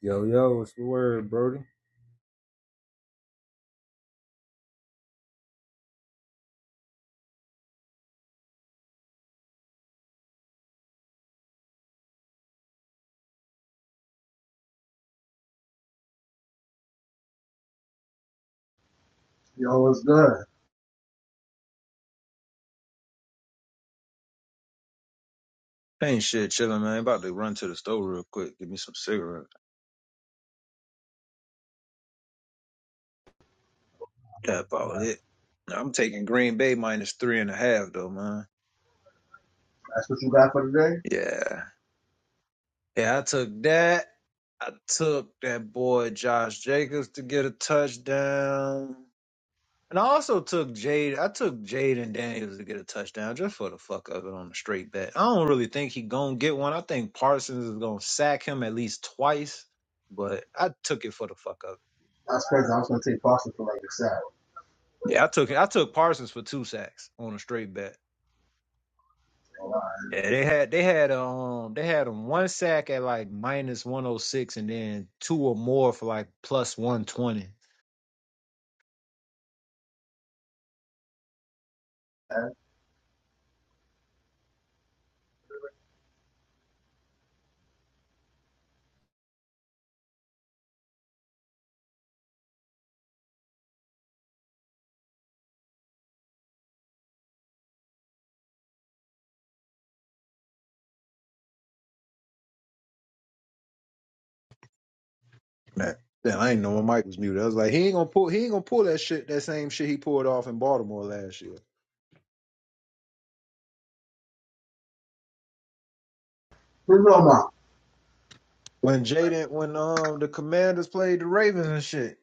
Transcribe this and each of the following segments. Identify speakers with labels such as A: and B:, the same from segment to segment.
A: Yo, yo, what's the word, Brody?
B: Yo, what's good?
A: Ain't shit chilling, man. About to run to the store real quick. Give me some cigarettes. That about it. I'm taking Green Bay minus three and a half, though, man.
B: That's what you got for today?
A: Yeah. Yeah, I took that. I took that boy Josh Jacobs to get a touchdown. And I also took Jade. I took Jade and Daniels to get a touchdown just for the fuck of it on the straight bet. I don't really think he gonna get one. I think Parsons is gonna sack him at least twice, but I took it for the fuck of it.
B: That's crazy. I was gonna take pasta for like a salad.
A: Yeah, I took I took Parsons for two sacks on a straight bet.
B: Ain't lying,
A: Yeah, they had they had um they had him one sack at like minus one oh six and then two or more for like plus one twenty.
B: man.
A: Man, damn, I ain't know my mic was muted. I was like, he ain't gonna pull he ain't gonna pull that shit that same shit he pulled off in Baltimore last year.
B: Who's your mom?
A: When Jaden when um the commanders played the Ravens and shit.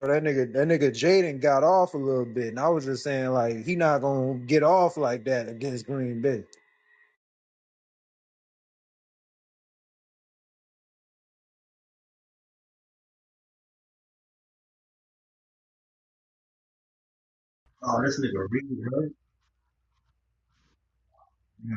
A: But that nigga that nigga Jaden got off a little bit and I was just saying like he not gonna get off like that against Green Bay.
B: Oh, this nigga really good. Yeah.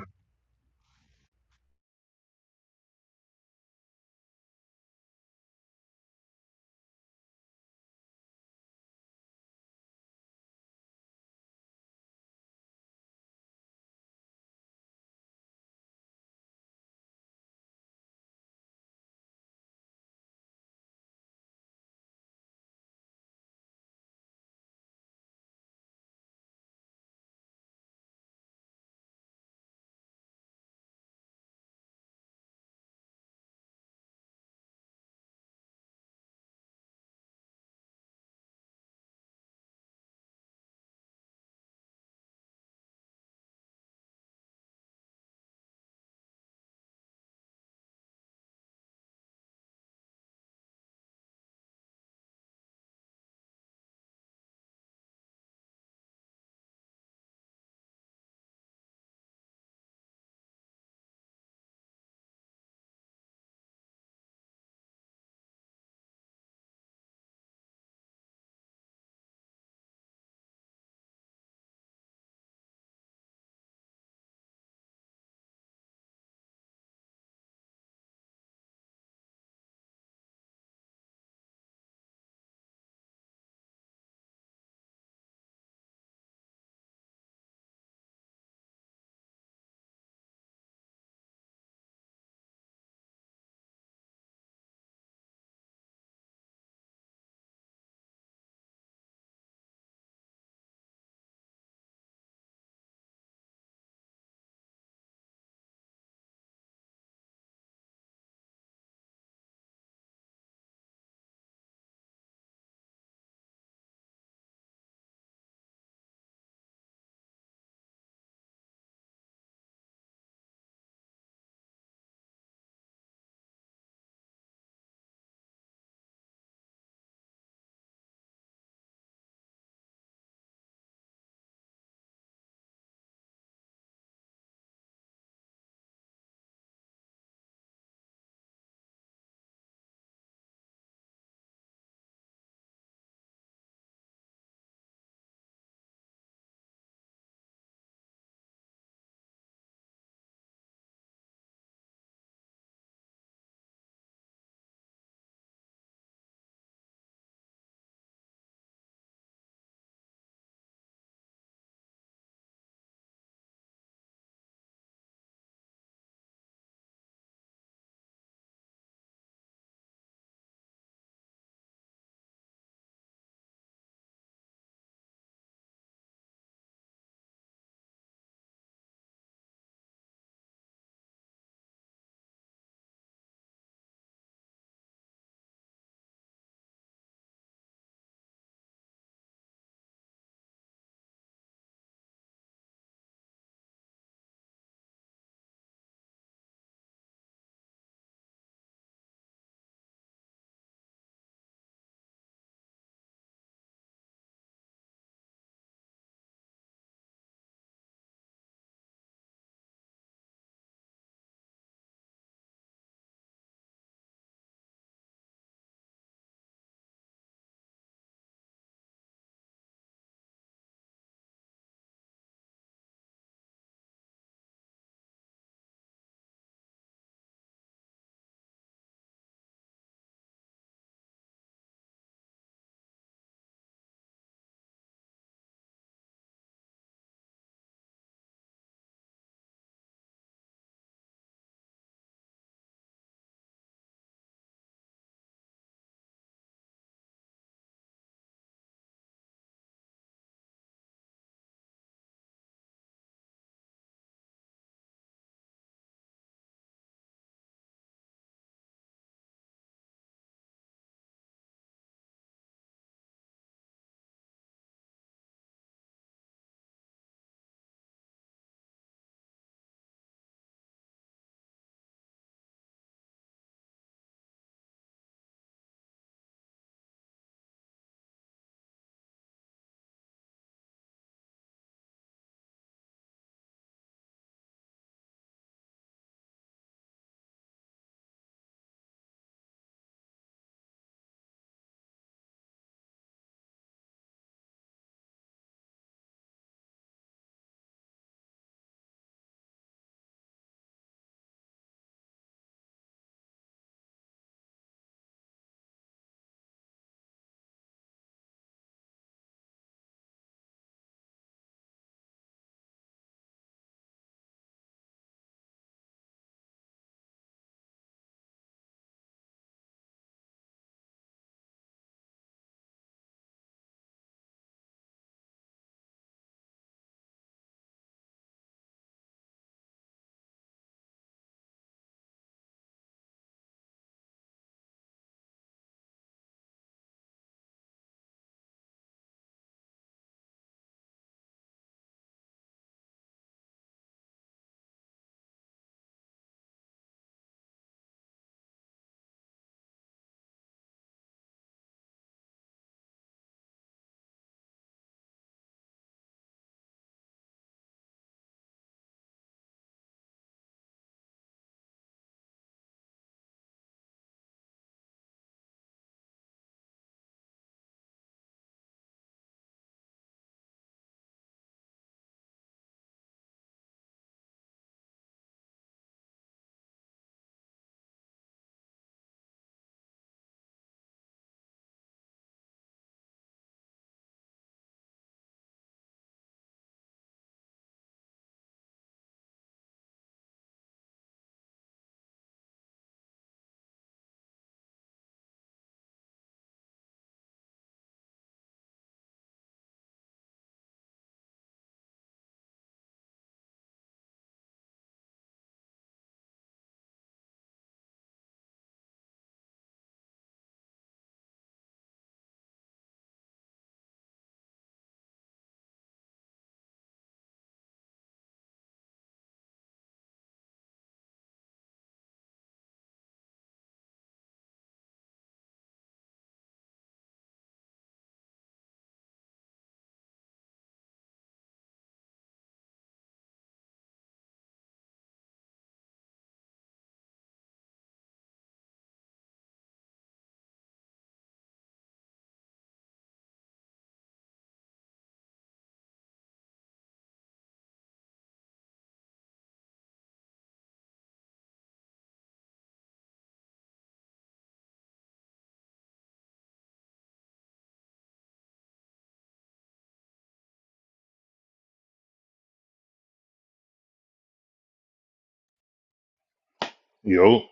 C: Yo,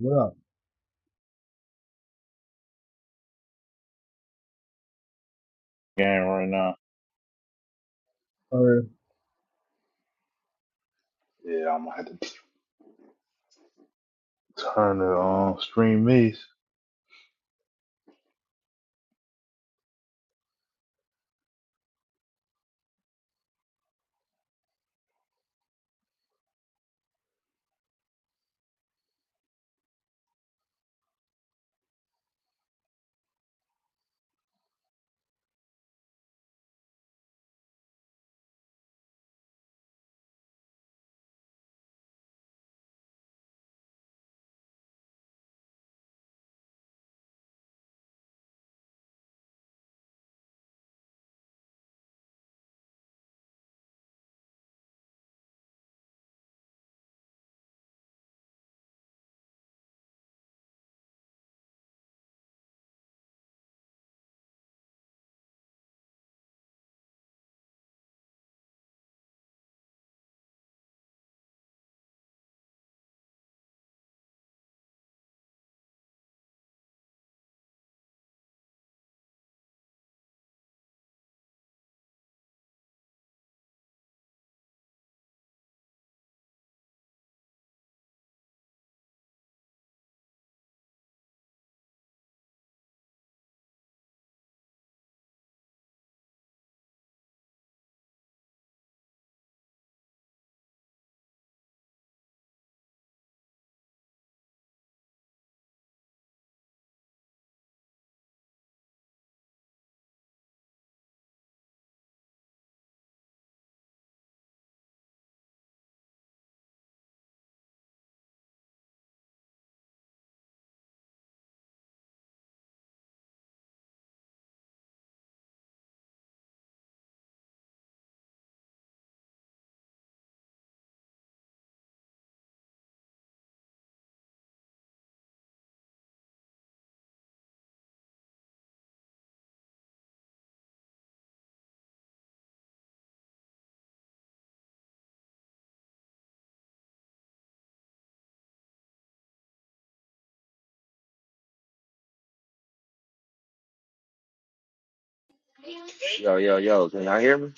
B: What up?
C: game right now.
B: Uh,
C: Yeah, I'm gonna have to turn the um, stream mix.
D: Yo, yo, yo, can y'all hear me?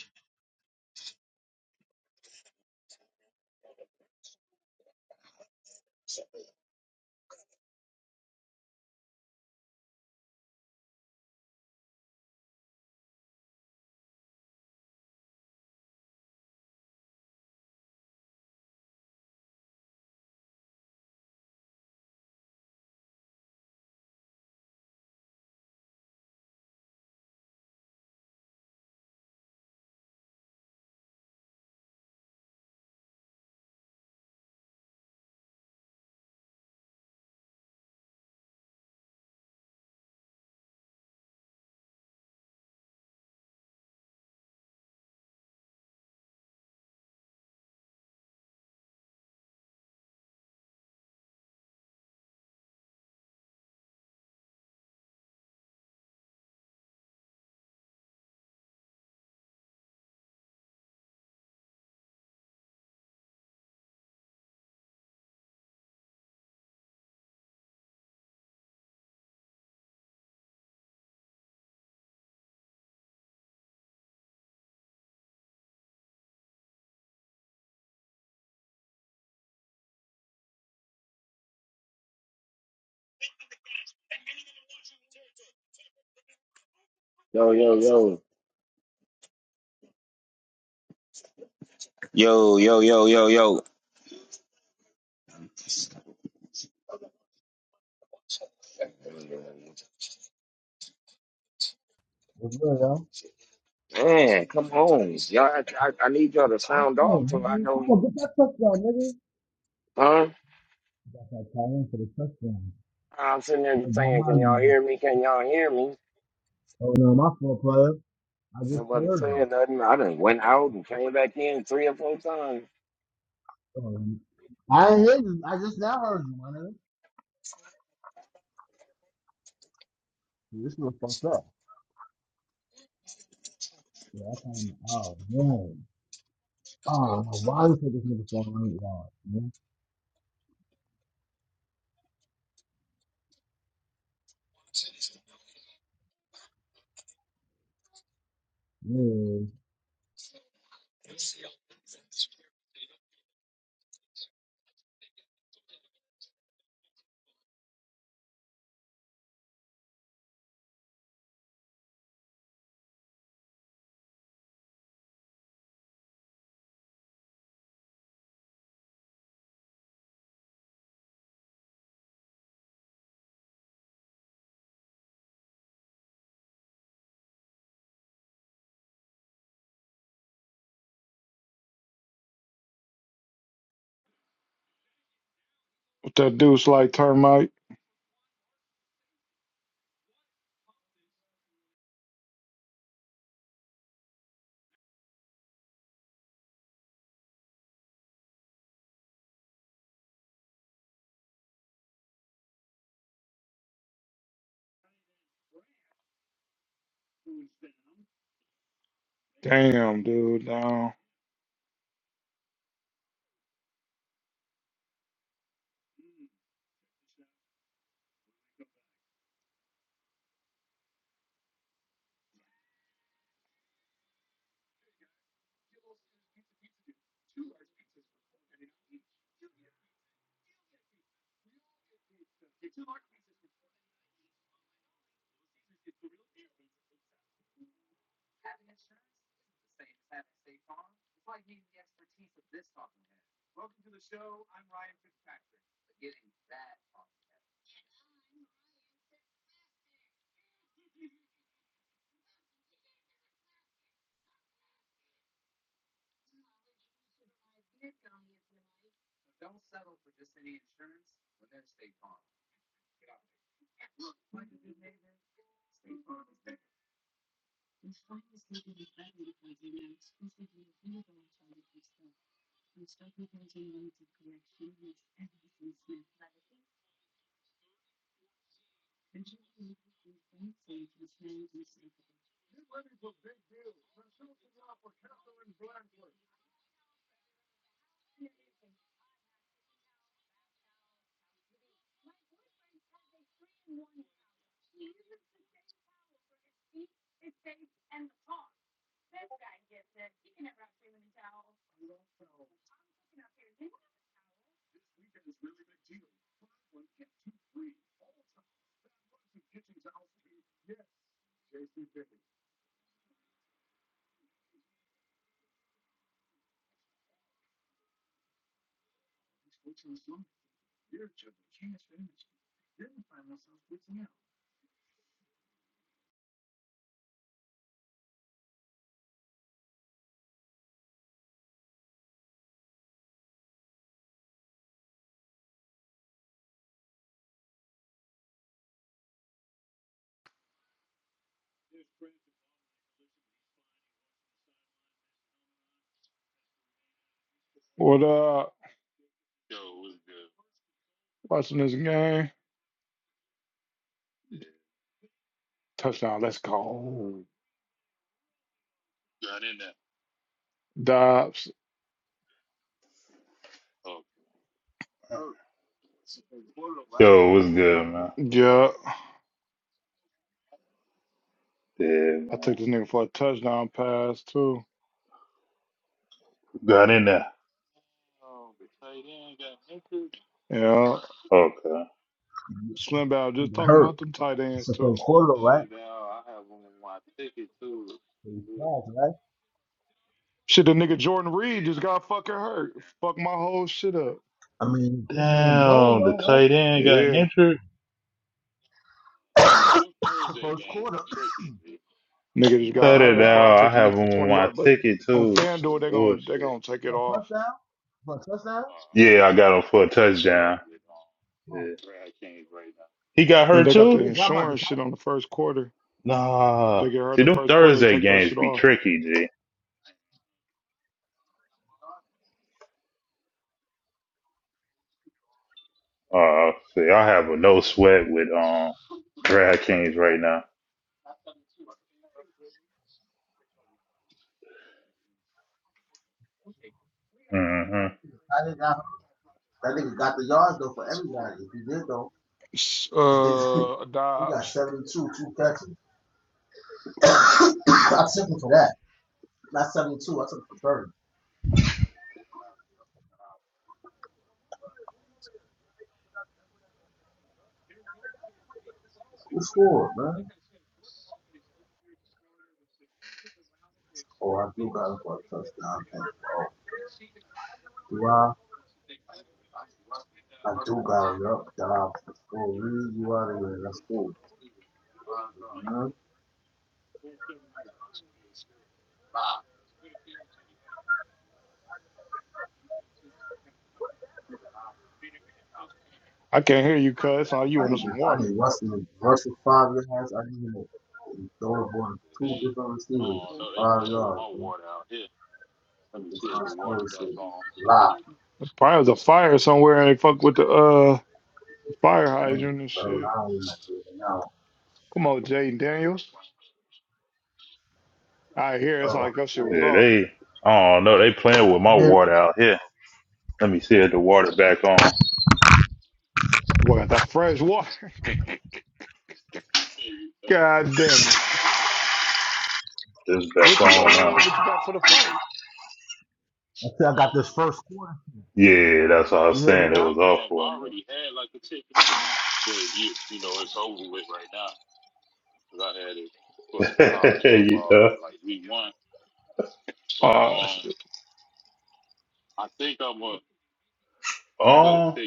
D: Yo, yo, yo. Yo, yo, yo, yo, yo.
B: what's good, yo?
D: Man, come on. Y'all, I, I, I need y'all to sound
B: Oh,
D: off till I
B: nigga, come
D: know,
B: on, get that touchdown, nigga.
D: huh?
B: Got that tight end for the touchdown.
D: I'm sitting there
B: Yeah, got
D: saying, can
B: mine,
D: y'all
B: man.
D: hear me? Can y'all hear me?
B: Oh, no, my fault, player. I just
D: Nobody
B: heard you.
D: saying nothing. I done went out and came back in three or four times.
B: Oh, and I ain't heard you. I just now heard you, my nigga. Dude, this nigga fucked up. Yeah, I kind of, oh, man. Oh, no, why this nigga, this nigga fucking up, y'all?
E: That dude's like termite. Damn, dude. Down. What up? Watching this game. Touchdown. Let's go. Dobbs.
C: Yo, what's good, man?
E: Yeah.
C: Yeah,
E: I
C: man.
E: took this nigga for a touchdown pass, too.
C: Got in there.
E: Yeah.
C: Okay.
E: Slim Bow just
B: hurt.
E: talking about them tight
B: It's
E: ends,
B: the
E: too.
B: first quarter, right? Pretty fast, right?
E: Shit, the nigga Jordan Reed just got fucking hurt. Fuck my whole shit up.
B: I mean, kicking and blown
C: Damn, the
B: though,
C: tight end got
E: Yeah.
C: injured.
B: right? The first quarter,
E: Nigga
B: he
E: just
B: got
E: got
C: Cut
B: my
C: it
E: hurt,
B: yards
E: bro. I
C: out.
E: took
B: though.
C: I have him
E: it for
B: He
C: on
E: 20
B: got
C: my
E: yards. But
C: ticket
E: on
C: too.
E: FanDuel, they're going to they
C: Bullshit.
E: gonna take it
B: for a
E: off.
B: touchdown, for a touchdown.
C: Yeah, I got him for a touchdown. Yeah. He got
E: And
C: hurt
E: they got the
C: too?
B: Nigga got my the
E: insurance shit on the first quarter. If
C: Nah.
E: they get hurt in
C: See,
E: the
C: them
E: first quarter, they
C: Thursday
E: take that
C: games
E: shit
C: be
E: off.
C: tricky, G. Uh, see, I have a no sweat with um DraftKings right now. Mm-hmm.
B: tight. I got that nigga got the yards though for everybody. If he did though,
E: S- Uh,
B: he got
E: Dobbs.
B: seventy two, two catches. I took him for that. Not seventy two. I took him for thirty. Who scored, man? Oh, I do got him for a touchdown. Thank you. Do I? I do got him up. Dobbs. Oh, really? You out of here? That's cool. man.
E: I can't hear you, cuz. Oh, you
B: I need
E: want
B: this.
E: some
B: I
E: water?
B: need Russell. Russell five yards. I need him to throw the ball to two different receivers for five yards. Man. Get this high school shit locked,
E: There's probably a fire somewhere and they fuck with the uh the fire hydrant and
B: bro. And I
E: shit.
B: don't even do it now.
E: Come on, Jaden Daniels. I hear it's
B: Oh
E: like your
B: shit.
E: shit was
C: Yeah,
E: off.
C: they. I don't know. They playing with my water out here. Let me see if the water back on.
E: What got that fresh water? God damn it.
C: It's back
E: What you
C: on now.
E: uh what you got for the fight?
B: Until I got this first quarter.
C: Yeah, that's what I
B: You
C: was
B: hear me
C: saying. It
B: now?
C: was off for a minute. you know.
E: Uh shit.
C: Um,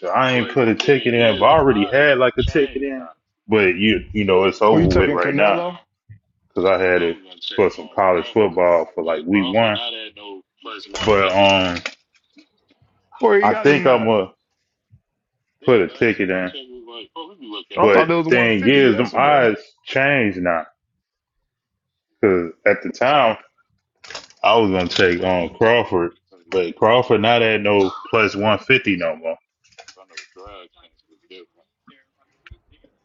C: so I ain't put a ticket in. But I already had like a ticket in. But you, you know, it's
E: Were you
C: over with
E: taking
C: right now
E: Canelo?
C: because I had it for some college football for like week one. But um,
E: Where you
C: I
E: got
C: think
E: him
C: I'm
E: at?
C: gonna put a ticket in.
E: I thought
C: But
E: it
C: the
E: was
C: thing
E: 150
C: is, them
E: yesterday.
C: odds changed now. Cause at the time. I was gonna take um Crawford, but Crawford not at no plus one fifty no more.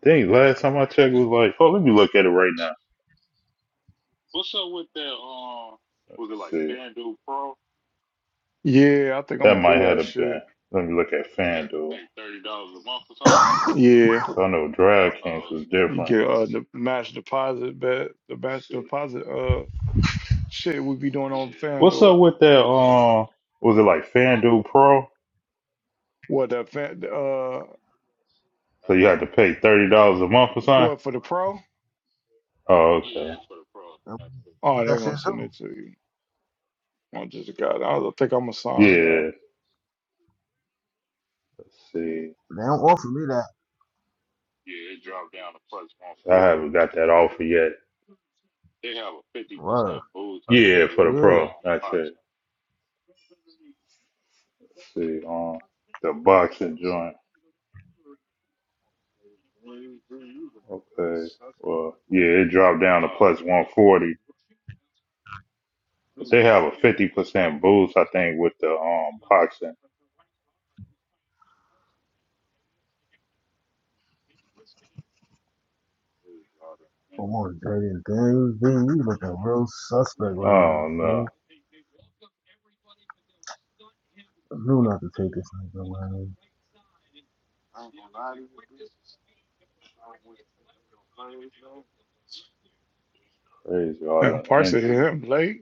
C: Dang, last time I checked was like, oh, let me look at it right now. Let's see,
E: Yeah, I think I'm
C: that
E: gonna
C: might
E: do that
C: have been.
E: shit.
C: Let me look at FanDuel.
E: Yeah.
C: I know DraftKings was
E: You
C: different.
E: get uh the match deposit bet, the match
C: Let's see,
E: deposit uh shit we be doing on
C: what's
E: FanDuel.
C: up with that? Um, was it like FanDuel Pro?
E: What that fan uh
C: So you had to pay thirty dollars a month or something.
E: what for the pro?
C: Oh, okay.
B: Um, What
E: Oh, they're
B: that shit
E: gonna
B: do?
E: send it to you. I just got. I was- I think I'm gonna sign. Uh,
C: Yeah. Let's see.
B: They don't offer me that.
C: I haven't got that offer yet.
B: Word.
C: Yeah, for the
B: Yeah.
C: pro. Not yet. Let's see. Um, the boxing joint. Okay. Well, yeah, it dropped down to plus 140, but they have a 50% boost, I think, with the um boxing.
B: Come on, Jaden. Dang, dang, you looking real suspect right now,
C: Oh
B: son.
C: no,
B: I knew not to take this nigga, man.
C: crazy all
E: yeah,
C: the
E: Parson hit
C: injuries.
E: him late.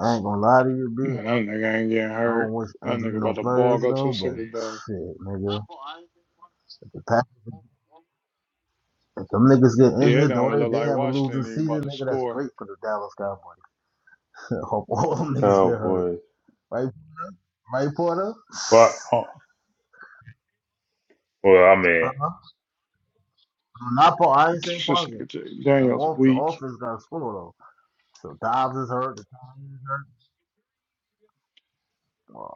B: I ain't gonna lie to you, bitch.
E: Man, that nigga ain't getting
B: I don't
E: hurt.
B: wish
E: That
B: injury
E: nigga
B: no
E: about to ball
B: players
E: go to
B: though,
E: a
B: but
E: Super Bowl.
B: shit, nigga. If the pack, if them niggas get
E: Yeah, it
B: injured, though
E: don't look
B: they they
E: like
B: have a losing
E: Washington even
B: season,
E: about to
B: nigga, that's
E: score.
B: great for the Dallas Cowboys. Hope all them niggas get hurt.
C: Cowboys.
B: Right right, Porter?
C: But huh. well, I mean,
B: Uh-huh. Not Paul I ain't saying
E: This
B: Parson.
E: nigga Jay
B: Them
E: Daniels
B: off the
E: weak.
B: offense got score though. So Dobbs is hurt, the time is hurt.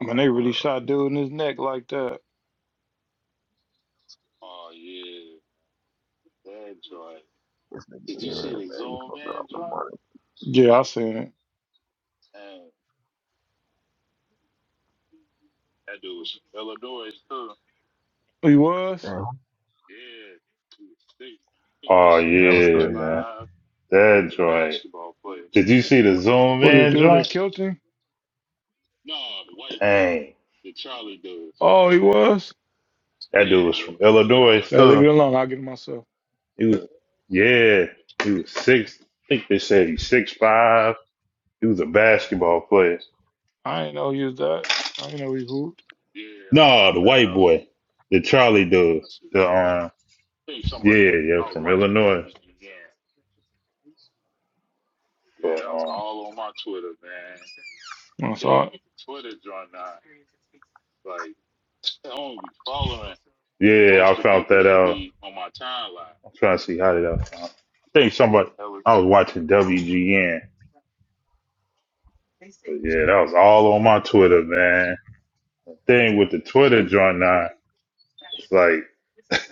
E: Man, they
B: man.
E: really shot dude in his neck like that.
B: this nigga here, man, you fucking up the money.
E: Yeah, I seen it. He was.
B: Man,
C: oh
B: yeah, that was
C: yeah,
B: crazy.
C: man, that joint. Did you see the zoom
E: What the
C: in
E: dude
C: joint?
E: that killed him?
C: Dang,
E: The Oh, he was?
C: that dude was from Illinois
E: Yeah, leave
C: too.
E: it alone. I'll get it myself.
C: He was, yeah, he was six. I think they said he's six five. He was a basketball player.
E: I ain't know he was that. I ain't know he hooped.
C: No, the white boy, the Charlie dude. The um, yeah, yeah, from Illinois. But um,
E: When I saw it,
C: yeah, I found that out. I'm trying to see how did I find. I think somebody. I was watching WGN. But yeah, that was all on my Twitter, man. Thing with the Twitter joint now, it's like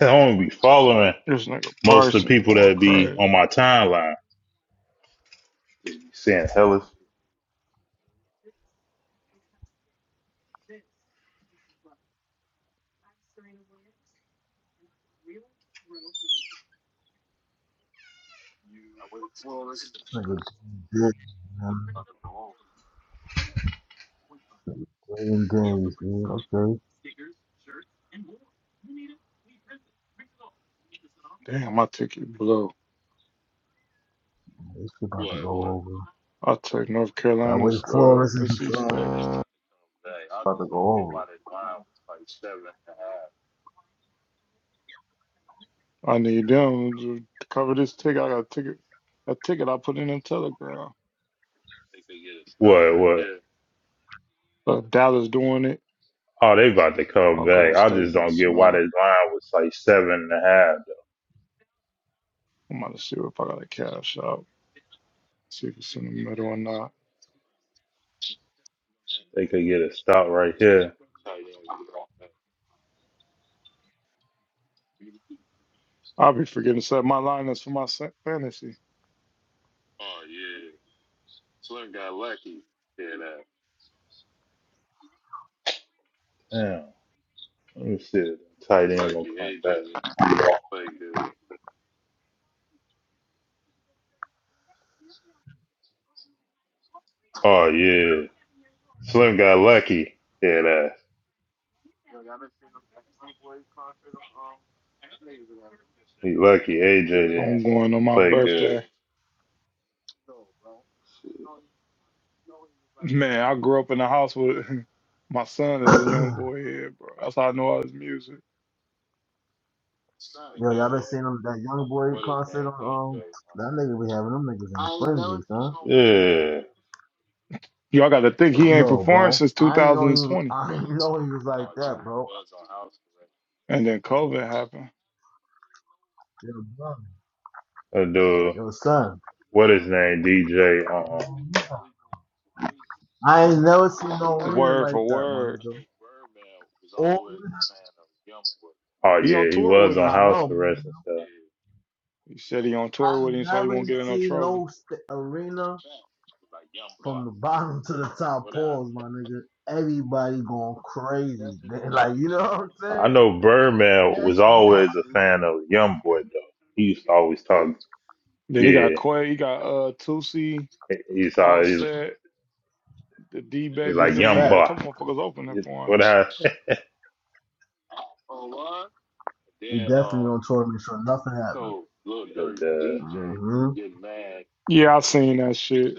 C: I don't be following
E: this nigga
C: most of the
E: Parsons
C: people
E: going
C: that be
E: crazy.
C: on my timeline. Saying Hella,
B: This nigga did, man. Playing days, man. Okay.
E: Damn, my ticket blow.
B: This shit about to go over.
E: I took North
B: I waited
E: Carolina's
B: four
E: uh,
B: hours
E: NC
B: and uh,
E: State.
B: about to go
E: I need them to cover this ticket. I got a ticket. A ticket I put in a telegram.
C: what, what?
E: Uh, Dallas doing it.
C: Oh, they about to come
E: I'll
C: back.
E: go
C: I
E: stay
C: just
E: getting
C: don't get why
E: smacked.
C: this line was like seven and a half.
E: I'm about to see if I got a cash out. See if it's in the middle or not.
C: They could get a stop right here.
E: I'll be forgetting to set my liners for my sa- fantasy.
C: Damn. Let me see. if the Tight end gonna come back. Oh yeah. Slim got lucky. Yeah, that. He lucky. AJ didn't
E: I'm going on my
C: play good.
E: birthday. Man, I grew up in the house with my son
B: over.
E: is a young boy here, bro. That's how I know all his music.
B: Yo, y'all been seeing them, that young boy concert on um that nigga be having them niggas in a frenzy, huh?
C: Yeah.
E: Y'all got to think he ain't
B: Yo,
E: performed
B: bro,
E: since
B: I didn't know he was,
E: 2020,
B: I didn't know he was like that, bro.
E: and then COVID happened.
B: Yo, bro.
C: That dude.
B: Yo, son.
C: What his name? DJ. Uh.
B: I ain't never seen no arena
E: Word
B: like
E: for
B: that, my
E: word,
B: nigga. Or
C: Oh
E: he on
C: yeah. He
E: tour
C: was
E: with
C: on
E: him.
B: I
C: house
B: know, man.
C: arrest and stuff.
E: He said he on tour
B: I
E: with him, so he won't
B: never
E: get in no
B: seen
E: trouble.
B: no st- arena from the bottom to the top. Pause, my nigga. Everybody going crazy. They- Like you know what I'm
C: I
B: saying?
C: know Birdman was
B: That's, yo,
C: always a fan of Young Boy though. He used to always talk.
E: Then
C: Yeah.
E: he got
C: He-
E: Quay, he got uh Tusi,
C: He's always
E: Offset, The D
C: he's
E: baby
B: that's
C: like
B: a
E: nigga, he
C: Young
E: got a
B: fact.
C: Boy.
E: couple motherfuckers opening for him.
C: What I
B: You definitely on tour to make sure nothing happens.
C: the,
B: Mm-hmm.
E: Yeah, I seen that shit.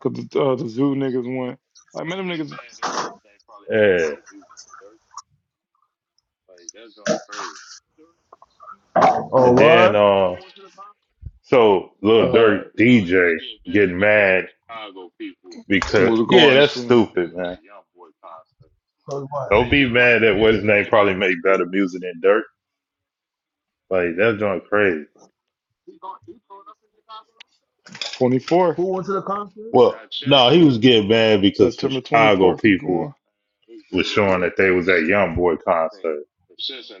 E: Cause the, uh, the zoo niggas went. Like, man, them niggas
C: the yeah.
B: Oh,
C: And then
B: what?
C: uh so Lil Dirt
E: uh,
C: DJ getting mad because
E: was
C: yeah,
E: going to
C: that's
E: sleep
C: stupid, man.
B: Cause what?
C: Don't be mad at what his name probably made better music than Dirt. Like that's going crazy.
E: 24th,
B: Who went to the concert?
C: Well, no, he was getting mad because some
E: September
C: Chicago
E: 24th. You
C: people
E: going.
C: was showing that they was at YoungBoy concert.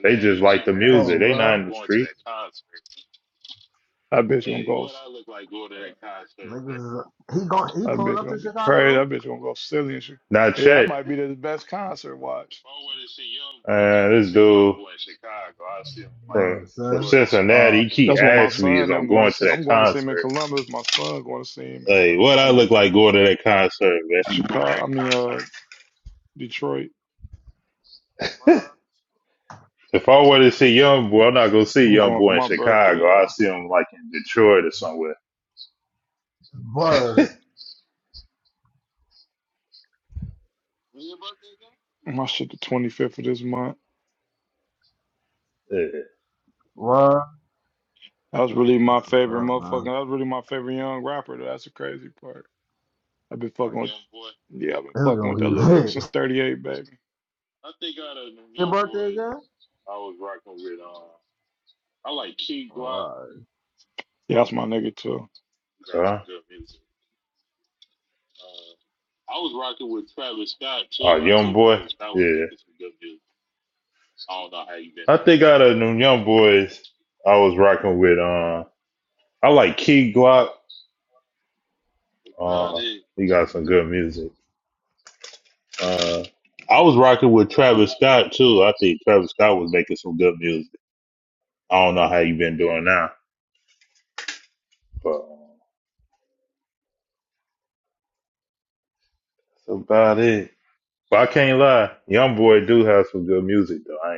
C: They just like the
B: Oh,
C: music. They
B: what?
C: not in the street.
E: That bitch gonna go.
B: Niggas is a- he going? He
E: That
B: pulling
E: bitch
B: up
E: gonna
B: to
E: be
B: Chicago
E: crazy.
B: though?
E: That bitch gonna go silly and shit.
C: Not
E: Yeah, that
C: Chet,
E: might be the best concert watch.
C: uh, this dude from
B: Yeah,
C: from
B: son. Oh
C: Cincinnati, he keep
E: That's what
B: man,
E: my
C: asking me is
E: son
C: I'm
E: them going
C: going
E: to
C: to
E: see.
C: that
E: I'm going to see him in
C: concert.
E: Columbus. My son going to see him in uh,
C: Like, what I look like going to that concert, man?
E: Chicago. I mean, uh, Detroit.
C: If I were to see Young Boy, I'm not gonna see
E: I'm
C: Young
E: going for
C: Boy in
E: my
C: Chicago.
E: birthday.
C: I see him like in Detroit or somewhere.
B: word,
E: though. My shit, the 25th of this month.
C: Yeah.
B: word.
E: That was really
B: That's
E: my
B: what's
E: favorite
B: up,
E: motherfucker.
B: man.
E: That was really my favorite young rapper. Though. That's the crazy part. I've been fucking with. Yeah, I've been
B: This is
E: fucking
B: gonna
E: with that
B: be
E: little nigga
B: big.
E: since 38, baby.
B: Your birthday again? Alright.
E: Yeah, that's my nigga too.
C: Huh? Oh, Young Boy. Yeah. I think out of them Young Boys, I was rocking with. Uh, I like Key Glock. Uh, he got some good music. Uh, I was rocking with Travis Scott too. I think Travis Scott was making some good music. I don't know how you been doing now, but uh, that's about it. But I can't lie, Young Boy do have some good music though. I ain't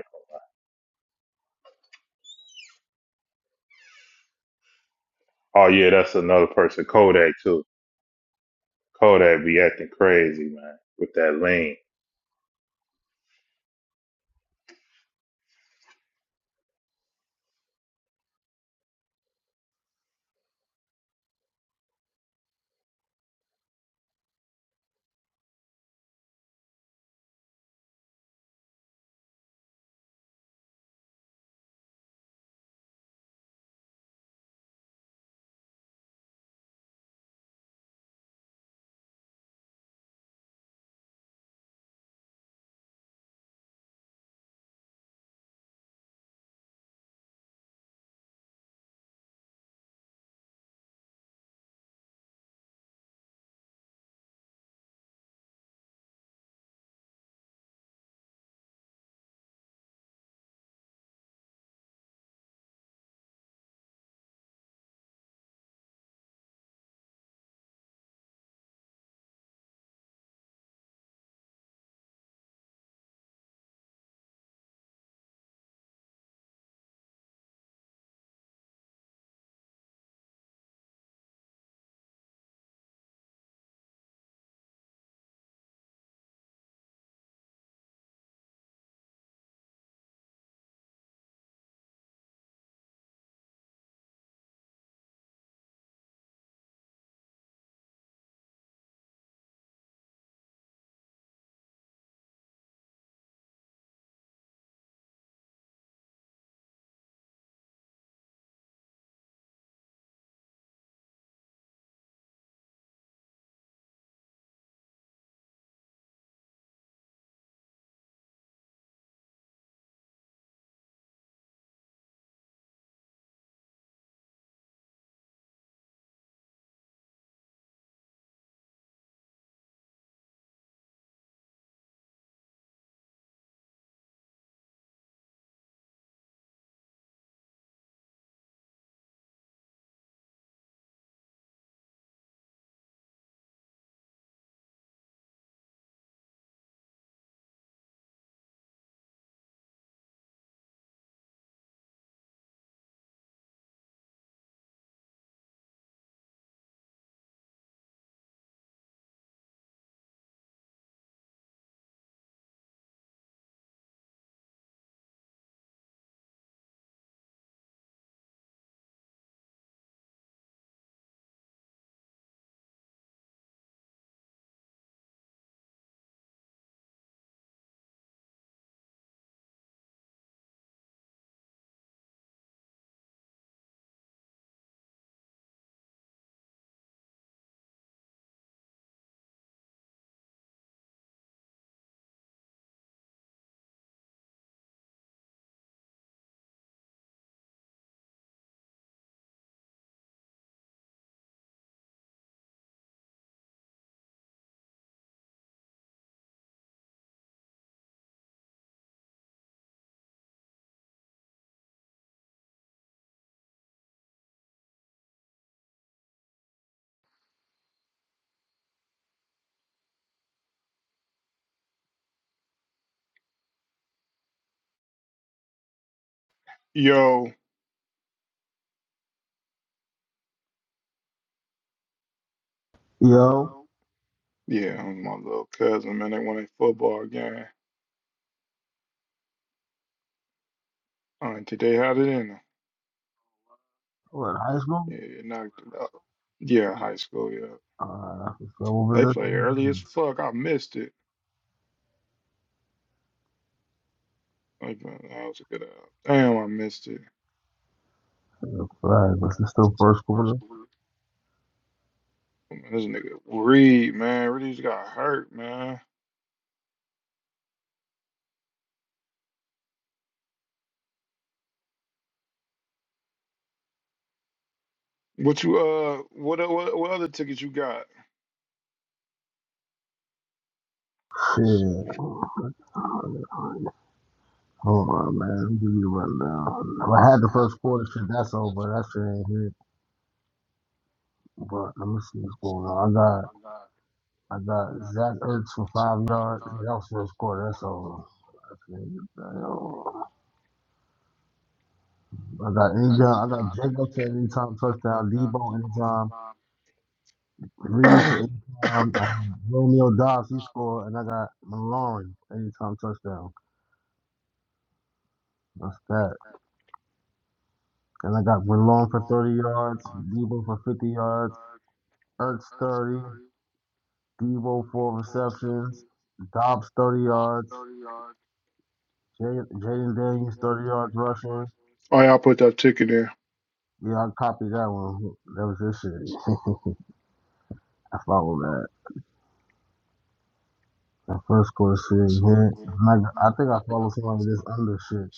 C: Oh yeah, that's another person. Kodak too. Kodak be acting crazy, man, with that lean.
E: Yo,
B: Yo,
E: yeah, I'm my little cousin, man. They won a football game. Uh, did they had it in them?
B: what? High school?
E: Yeah, it knocked it out. Yeah, high school, yeah.
B: Alright, that's what's up. What was
E: They
B: that?
E: play early as fuck. I missed it. Like, man, that was a good album. Damn, I missed it.
B: Right, but it's still first quarter.
E: Man, This nigga Reed, man, Reed's got hurt, man. What you uh, what uh, what, what other tickets you got?
B: Shit. Hold on, man. Let me give you a rundown. I had the first quarter shit. That's over. That shit ain't hit. But let me see what's going on. I got I got Zach Ertz for five yards. That was first quarter. That's over. I got any I got Jacobs at anytime touchdown. Debo anytime. Reed for
E: oh,
B: anytime. I had Romeo Dobbs. He scored, and I got Malone anytime touchdown. That's that. And I got Malone for 30 yards. Debo for 50 yards. Ertz 30. Debo four receptions, Dobbs thirty yards, Jaden Daniels thirty yards rushing.
E: y'all put that ticket in.
B: Yeah, I copied that one. That was this shit. I followed that. The first quarter shit hit. And I, think I followed some of this under shit.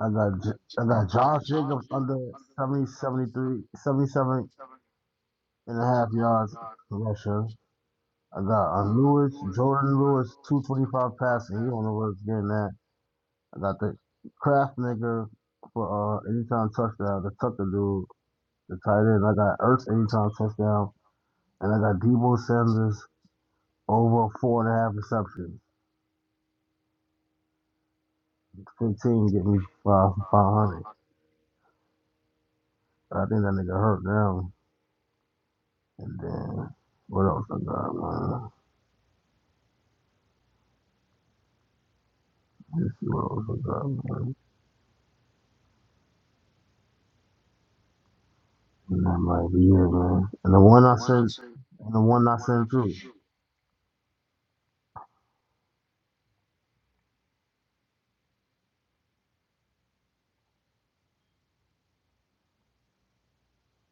B: I got J- I got Josh Jacobs under 70 73 77 and a half yards rushing. I got uh, Lewis, Jordan Lewis, 225 passing. You don't know where it's getting at. I got the Kraft nigga for uh anytime touchdown, the Tucker dude, the tight end. I got Ertz anytime touchdown, and I got Debo Sanders over four and a half receptions. Fifteen get me five five hundred. I think that nigga hurt now. And then what else I got, man? Let's see what else I got, man. And that might be it, man. And the one I sent, and the one I sent through.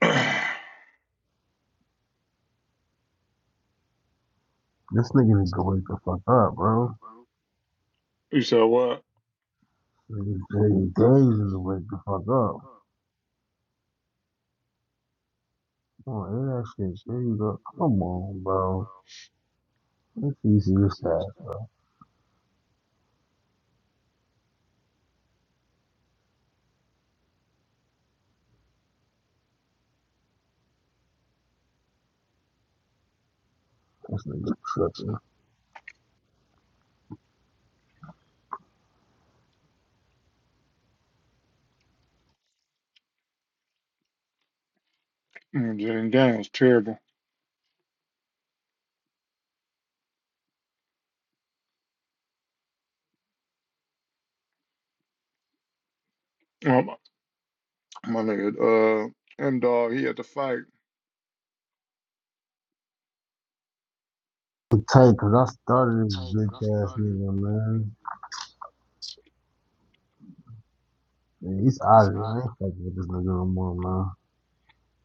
B: This nigga need to wake the fuck up, bro.
E: you said what?
B: This Nigga, days need to wake the fuck up. Oh, air that shit. There you go. Come on, bro. Let's use this guy. This nigga tripping.
E: Mm, Jalen Daniels, terrible. Um, my nigga, uh, M Dog, he had to fight.
B: I'm tight, cause I started this bitch ass nigga, man. Man, he's out of here. I ain't fucking with this nigga no more, man.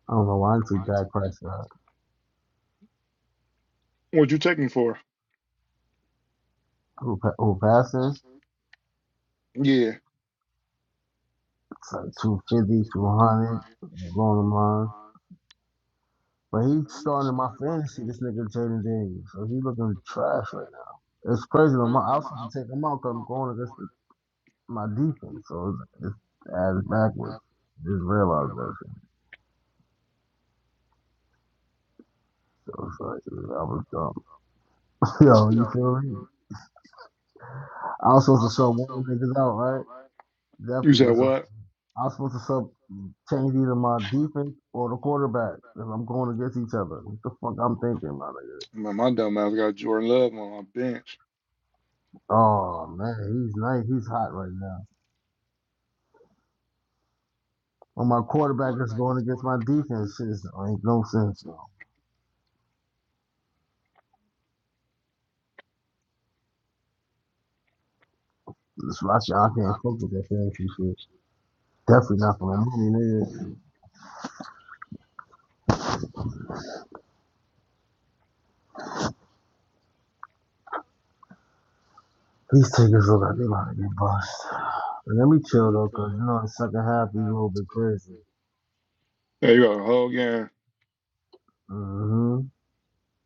B: I don't know why I took that price shot.
E: What'd you take him for?
B: Who, who passing?
E: Yeah.
B: It's like two fifty, two hundred, 200, blowing the mind. But he's starting my fantasy, this nigga Jaden Daniels. So he looking trash right now. It's crazy though. My, I was supposed to take him out, because 'cause I'm going against my defense, so it's as backwards. Just realized that shit. So it's like yeah, I was dumb. Yo, you feel me? I was supposed to sub one of the niggas out, right?
E: You
B: Definitely
E: said
B: was. sup-
E: what?
B: I was supposed to sub change either my defense or the quarterback if I'm going against each other. What the fuck I'm thinking, my nigga?
E: Man, my dumb ass got Jordan Love on my bench.
B: Oh man, he's nice. He's hot right now. When my quarterback is going against my defense, shit so ain't no sense, bro. It's like I can't fuck with that fantasy shit. Definitely not for no money, nigga. These tickets look like they about to get bust. Let me chill though, cause you know the second half he's a little bit crazy.
E: Yeah, you got a whole game.
B: hmm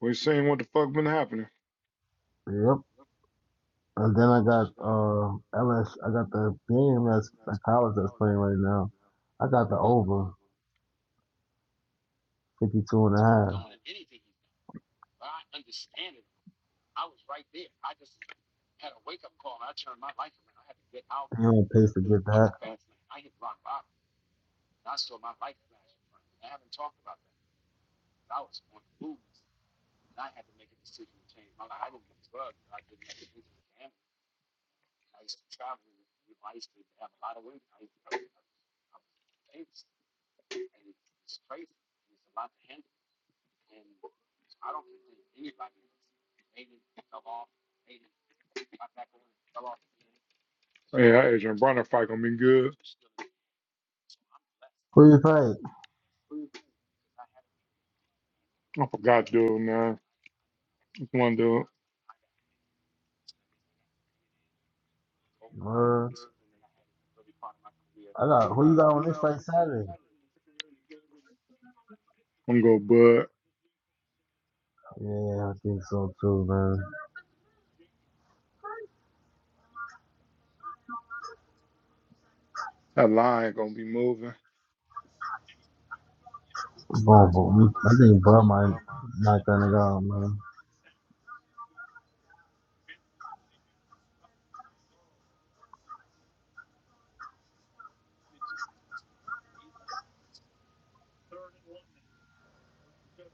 E: We seen what the fuck been happening.
B: Yep. And then I got uh LS I got the game that's the college that's playing right now. I got the over 52 and a half. and a half. They on pace to get that.
E: Yeah, that Adrian Bronner fight gonna be good.
B: Who you fight?
E: I forgot, dude, man. One dude,
B: Uh, I got who you got on this fight Saturday?
E: I'm gonna go Bud.
B: Yeah, I think so too, man.
E: That line gonna be moving.
B: Bro, bro, I think Bud might knock that nigga out, man.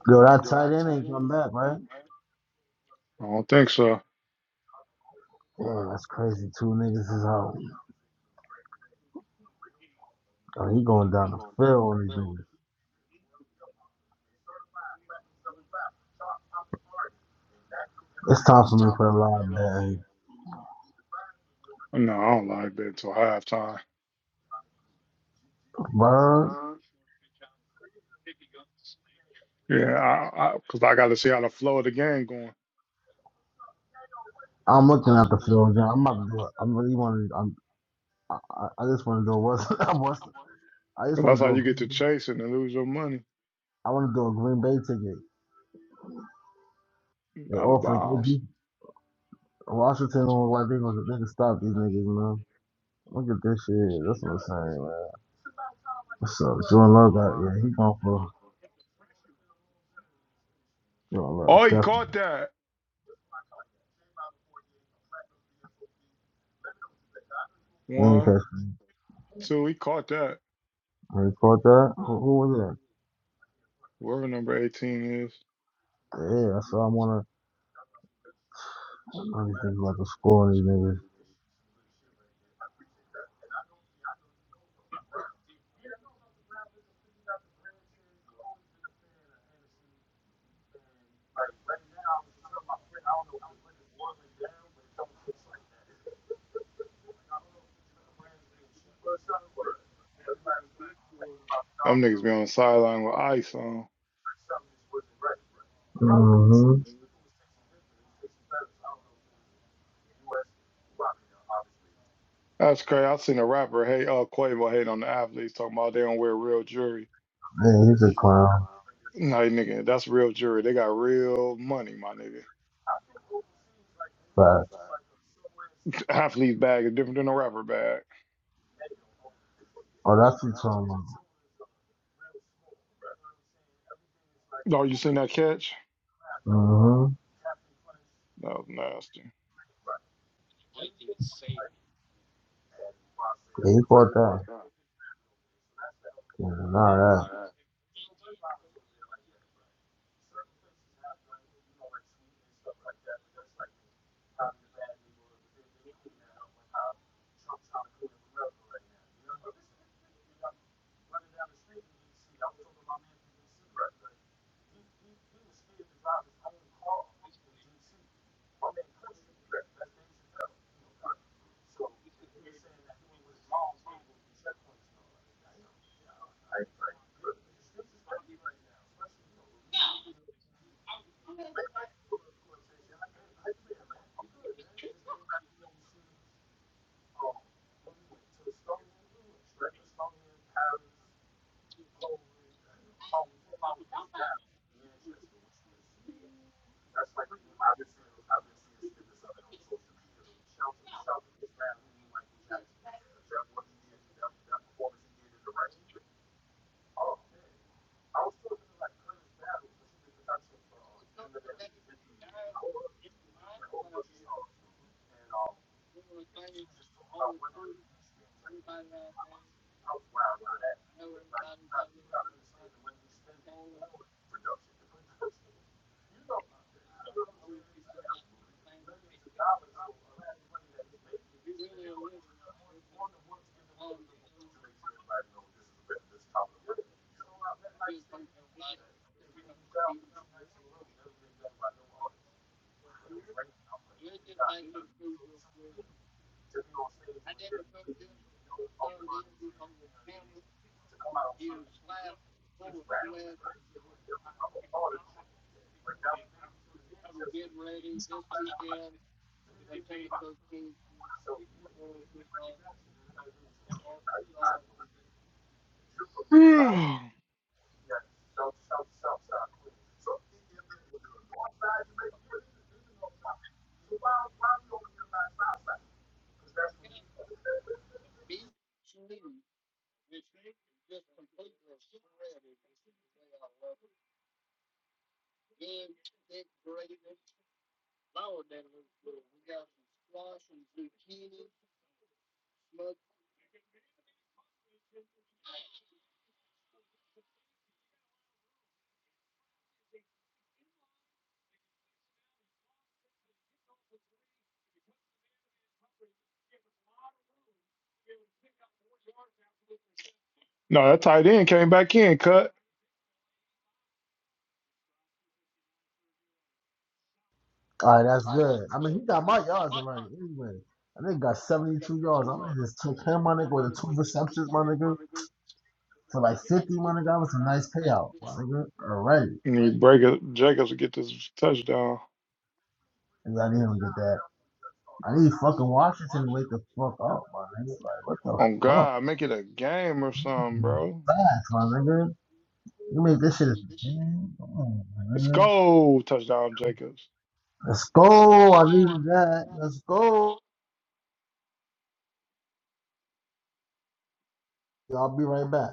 B: Yo, that tight end ain't come back, right?
E: I don't think so.
B: Yeah, that's crazy. Two niggas is out. Oh, he going down the field on these niggas. It's time for me to put a line down.
E: No, I don't like that till halftime.
B: Bird,
E: Yeah, I, I, cause I got to see how the flow of the game going.
B: I'm looking at the field, John. I'm about to do it. I'm really want to. I'm. I, I I just want to do a West. I was- I just
E: Cause
B: want
E: that's
B: to
E: how
B: do a.
E: you get to
B: Green Bay-
E: chasing and lose your money
B: I want to do a Green Bay ticket. They
E: out of
B: offer They
E: bounds.
B: Washington don't look like they gonna they can stop these niggas, man. Look at this shit. That's what I'm saying, man. What's up? Jordan Love got yeah. He going for Jordan Love
E: Oh, he
B: definitely.
E: caught that
B: He ain't
E: one,
B: catch.
E: two. He caught that.
B: me. He caught that. Who, who was that?
E: Whoever number eighteen is,
B: Yeah, I saw him on I'm just thinking about the school and these niggas.
E: them niggas be on the sideline with ice on.
B: Mm-hmm.
E: That's crazy. I seen a rapper hate, uh, Quavo hate on the athletes talking about they don't wear real jewelry.
B: Yeah, he's a clown.
E: Nah, nigga, that's real jewelry. They got real money, my nigga.
B: But
E: Athlete bag is different than a rapper bag.
B: oh, that's you talking
E: Oh, you seen that catch?
B: Mm-hmm.
E: That was nasty.
B: Yeah, he fought that. Yeah, all that.
E: No, that tight end came back in, cut.
B: All right, that's good. I mean, he got my yards already. Anyway, I think he got 72 yards. I mean, just took him, my nigga, with the two receptions, my nigga, to like 50, my nigga. That was a nice payout, my nigga. Already.
E: And break it, Jacobs will get this touchdown.
B: And I didn't even get that. I need fucking Washington to wake the fuck up, my nigga. Like, what the
E: Oh
B: fuck?
E: God, make it a game or something, bro.
B: Fast, my nigga. I mean, this shit is. Man, come on,
E: Let's
B: man.
E: go, touchdown, Jacobs.
B: Let's go. I needed that. Let's go. I'll be right back.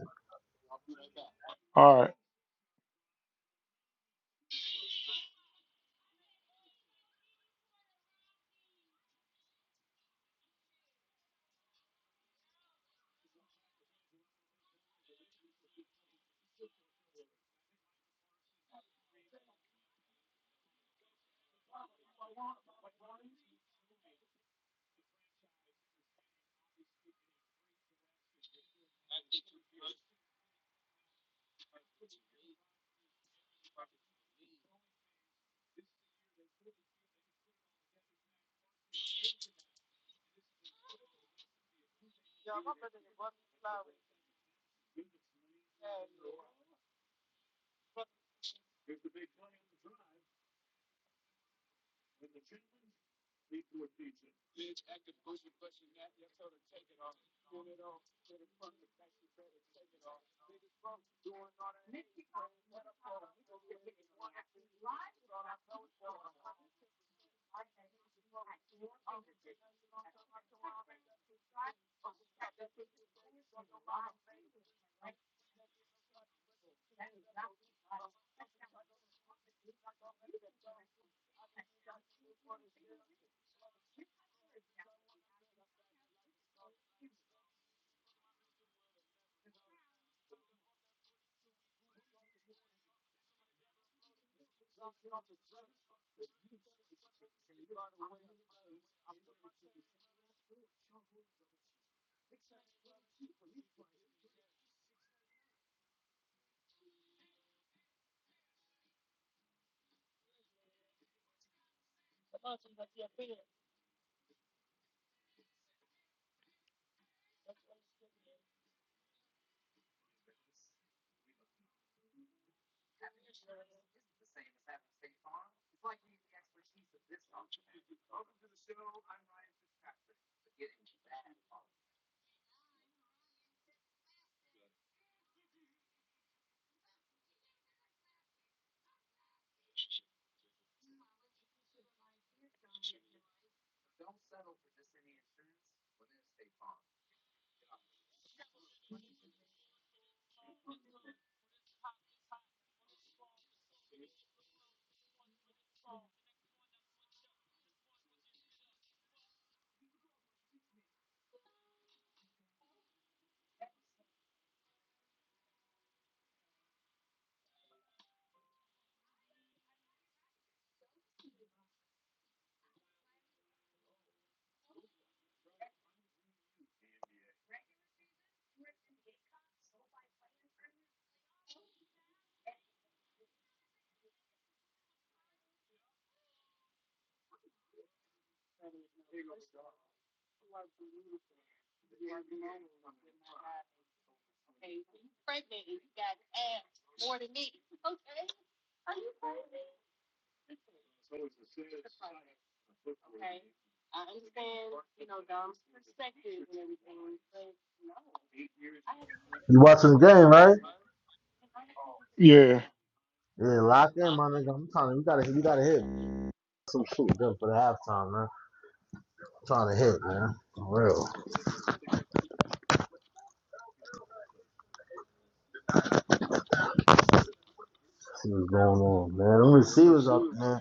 E: All right,
B: You watching the game, right?
E: yeah.
B: Yeah, lock in, my nigga. I'm trying to. We gotta. We gotta hit. I'm shooting good for the halftime, man. I'm trying to hit, man. For real. Let's See what's going on, man. Them receivers up, man.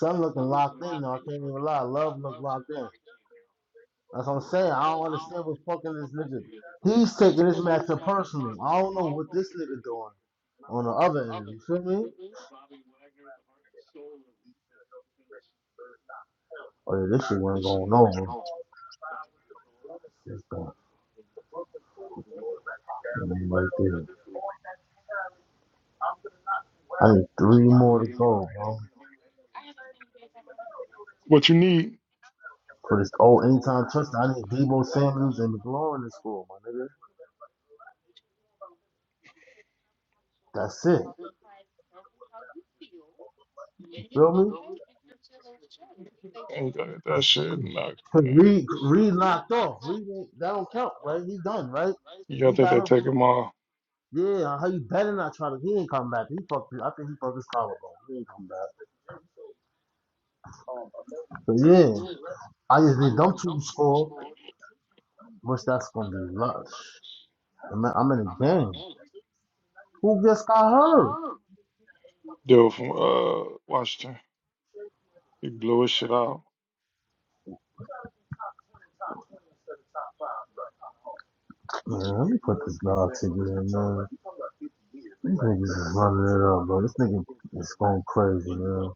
B: Some looking locked in though. I can't even lie. Love look locked in. That's what I'm saying. I don't understand what's fucking this nigga. He's taking this matchup personally. I don't know what this nigga doing on the other end. You feel me? Oh yeah, this shit wasn't going over. This thing, right there. I need three more to go, bro.
E: What you need?
B: For this old anytime touchdown, I need Debo Samuels and McLaurin to score, my nigga. That's it. You
E: Ain't
B: feel me?
E: That that shit, like,
B: 'Cause
E: man.
B: Reed Reed knocked off. Reed that don't count, right? He's done, right? If
E: Yeah, I
B: he
E: think
B: got
E: they
B: hurt,
E: take him off.
B: yeah. How you better not try to? He ain't come back. He fucked. I think he fucked his collarbone. He ain't come back. But yeah, I just need them two to score. Which that's gonna be lush. I'm, I'm in a game. Who just got hurt?
E: Dude from uh Washington, he blew his shit out.
B: Man, let me put this dog to you, man. These niggas is running it up, bro. This nigga is going crazy, man.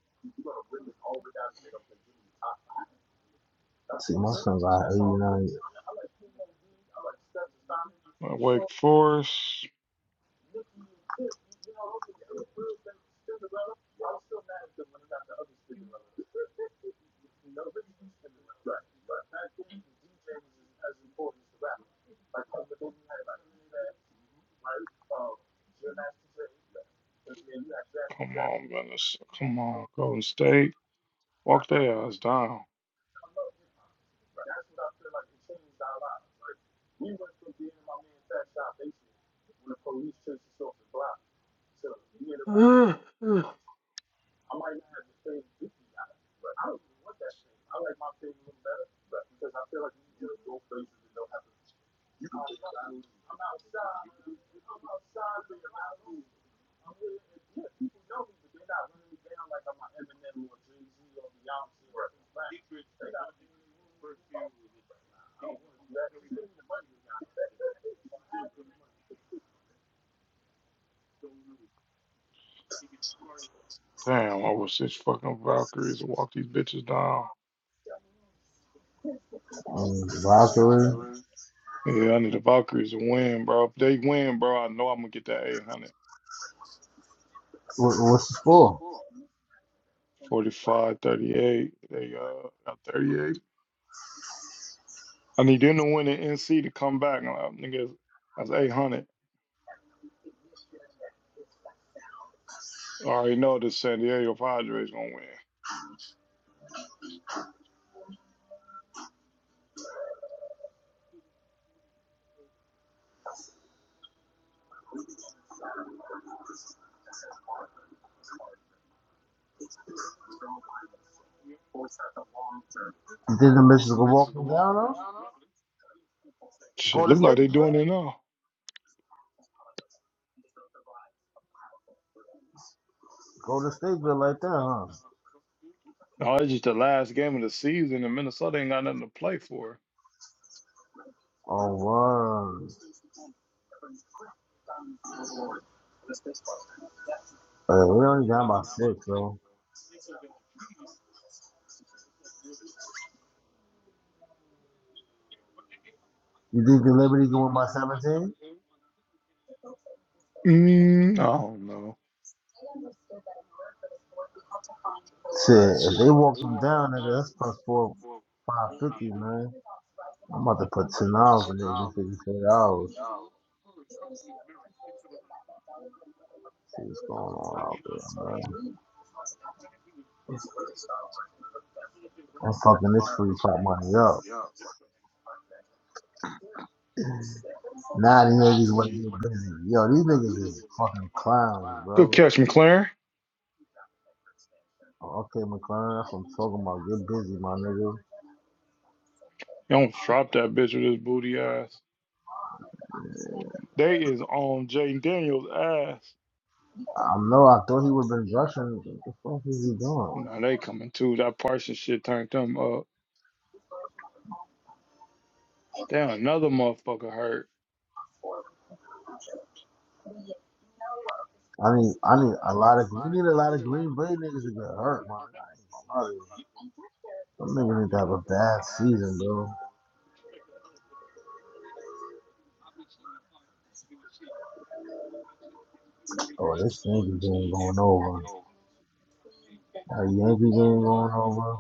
B: See, my son got 89
E: Uh, Wake Forest. Come on, Venice. Come on, Golden State. Walk their ass down. Damn, I wish these fucking Valkyries would walk these bitches down.
B: um, Valkyrie.
E: Yeah, I need the Valkyries to win, bro. If they win, bro, I know I'm gonna get that 800.
B: What, what's the score?
E: 45, 38. They uh got 38. I need them to win the NC to come back. Uh, Niggas, that's 800. I already know the San Diego Padres gonna win.
B: You think the missus gonna walk him down, though? Go
E: Shit,
B: to
E: look like
B: state
E: they
B: good?
E: doing it now.
B: Go to state good like that, huh?
E: No, it's just the last game of the season, and Minnesota ain't got nothing to play for.
B: Oh, wow. Hey, we only down by six, bro. You think the Liberty can win by 17?
E: Mm, I don't know.
B: Shit, if they walk them down, nigga, that's plus four, 550, man. I'm about to put $10 in it in 54 dollars. See What's going on out there, man. I'm fucking this free pop money up. Now these niggas wanna get busy. Yo, these niggas is fucking clowns,
E: Good
B: bro.
E: catch, McLaren.
B: Oh, Okay, McLaren, that's what I'm talking about. Get busy, my nigga.
E: don't drop that bitch with his booty ass. They is on Jaden Daniels' ass.
B: I know. I thought he would have been rushing. What the fuck is he doing?
E: Nah, they coming too. That Parsons shit turned them up. Damn, another motherfucker hurt.
B: I need, I need a lot of. We need a lot of Green Bay niggas to get hurt, man. Some niggas need to have a bad season, bro. Oh, this Yankee game going over. A Yankee game going over.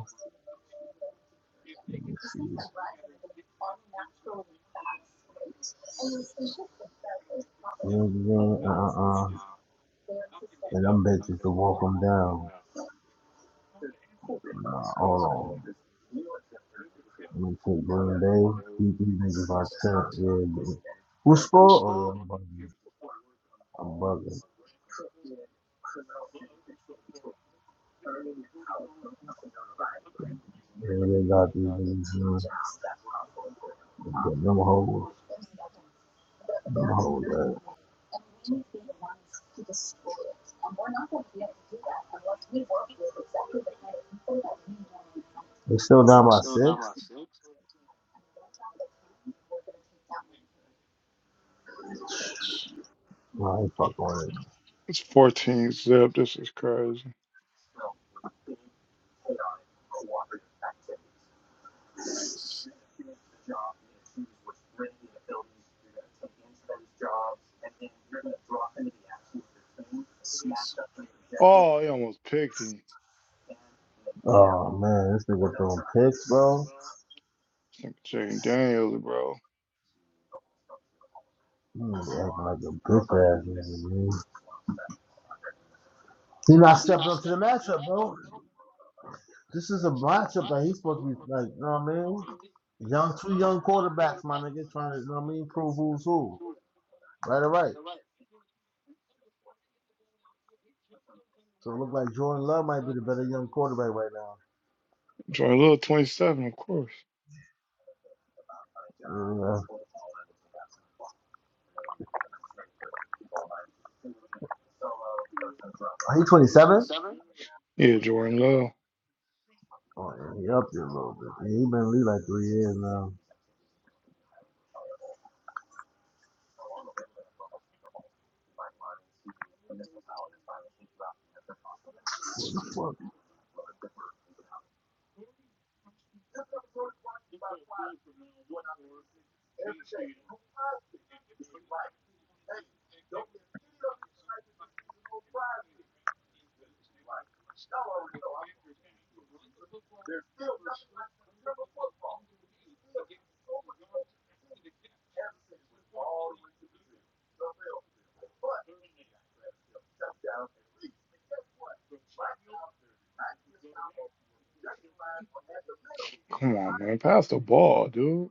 B: Let me see. Yankee game, uh-uh-uh. And them bitches to walk them down. Nah, hold on. Let me take Green Bay. Beat these niggas by 10. Yeah, they- Who scored? Oh, yeah, I'm bugging. I'm bugging. Yeah, they got these niggas. Them hoes, them hoes, man. They still down by six? No, I ain't fucking with it.
E: It's 14 zip. This is crazy. Oh, he almost picked him.
B: Oh man, this nigga throwing picks, bro.
E: Jaden Daniels, bro.
B: He acting like a bitch ass nigga, man. He not stepping up to the matchup, bro. This is a matchup that he's supposed to be like, you know what I mean? Young, two young quarterbacks, my nigga, trying to, you know what I mean, prove who's who. Right, or right? So it looks like Jordan Love might be the better young quarterback right
E: Jordan Love, 27, of course.
B: now. Uh, he 27?
E: Yeah, Jordan Love.
B: Oh, yeah, he up there a little bit. Man, He been in the league like three years now. What the fuck?
E: Come on, man. Pass the ball, dude.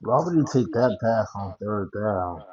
B: Why would you take that pass on third down?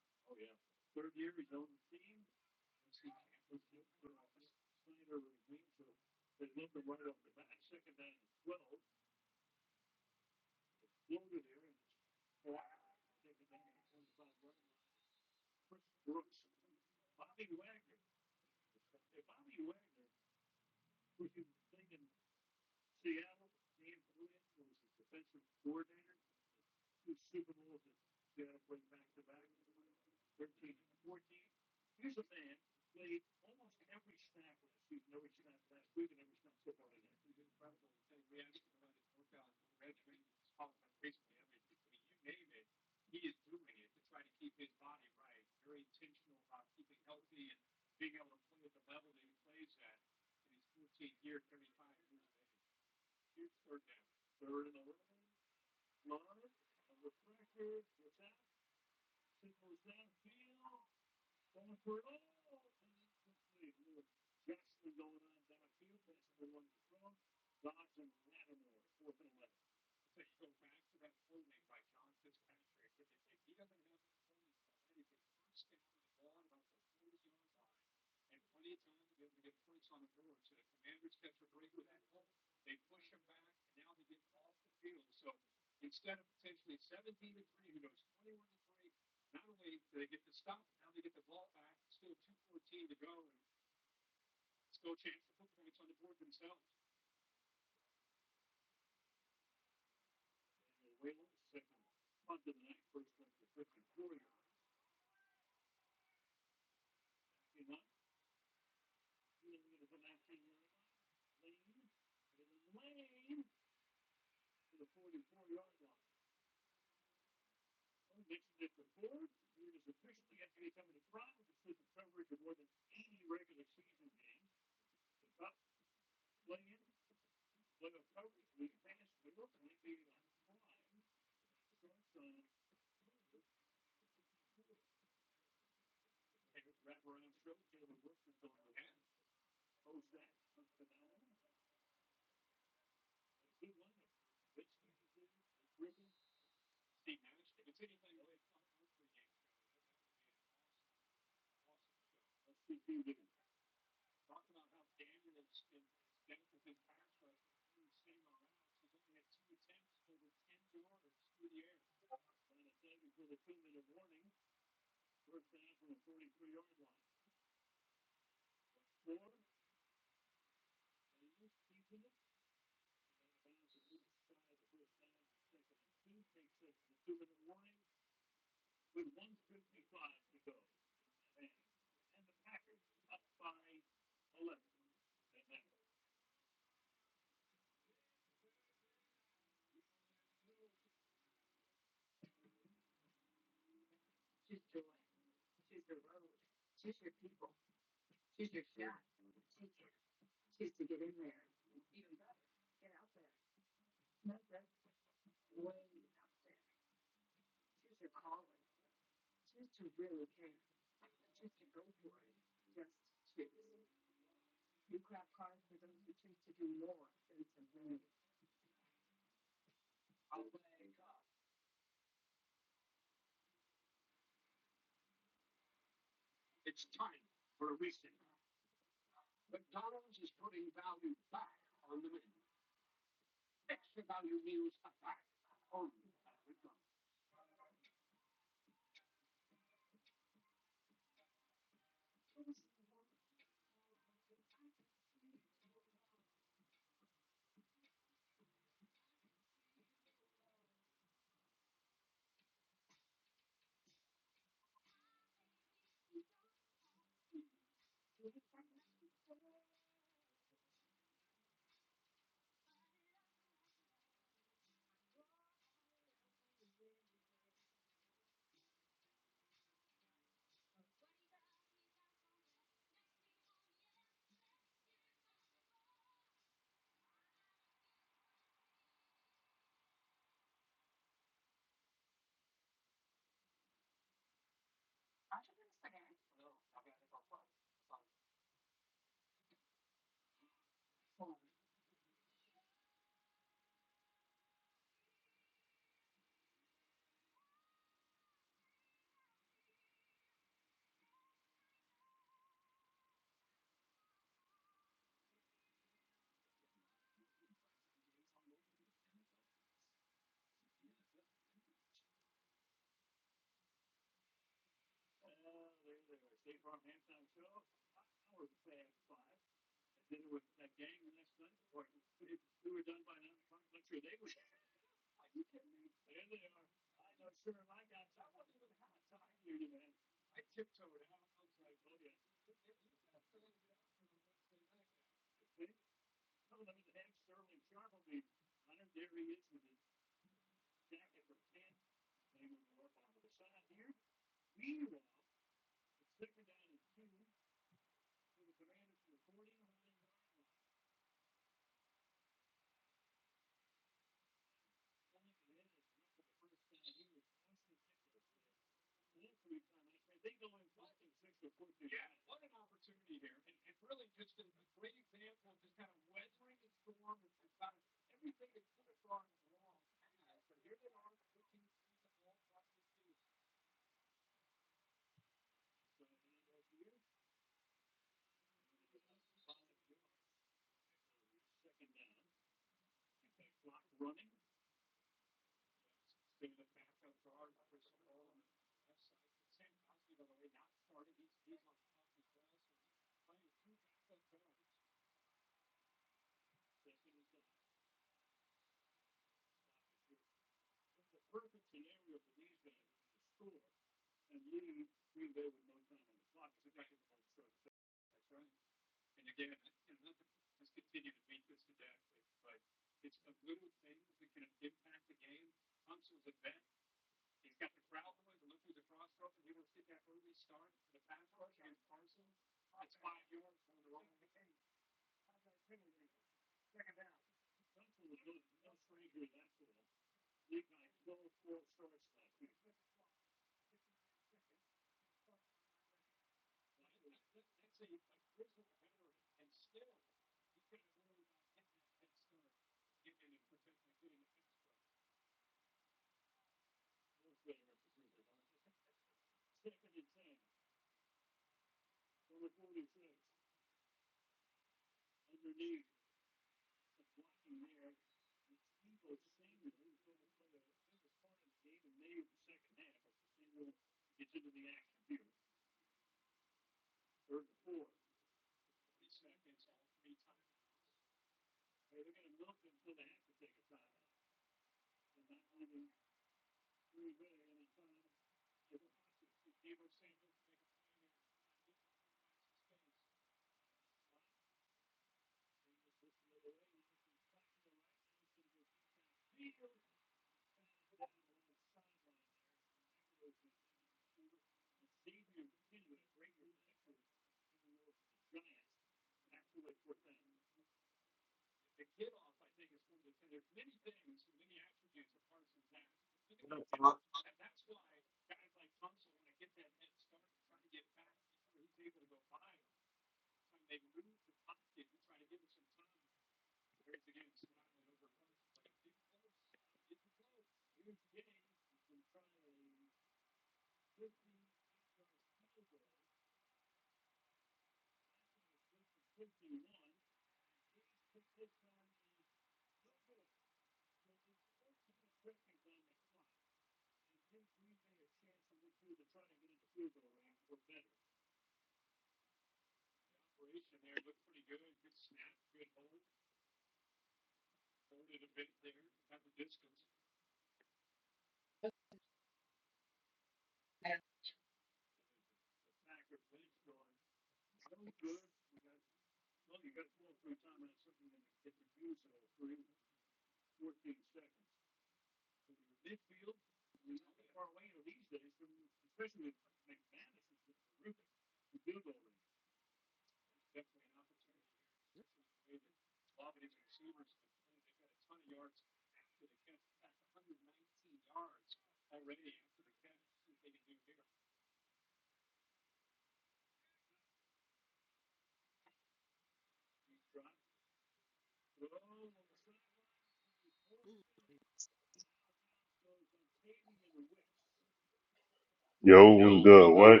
C: Yo, what's good? What?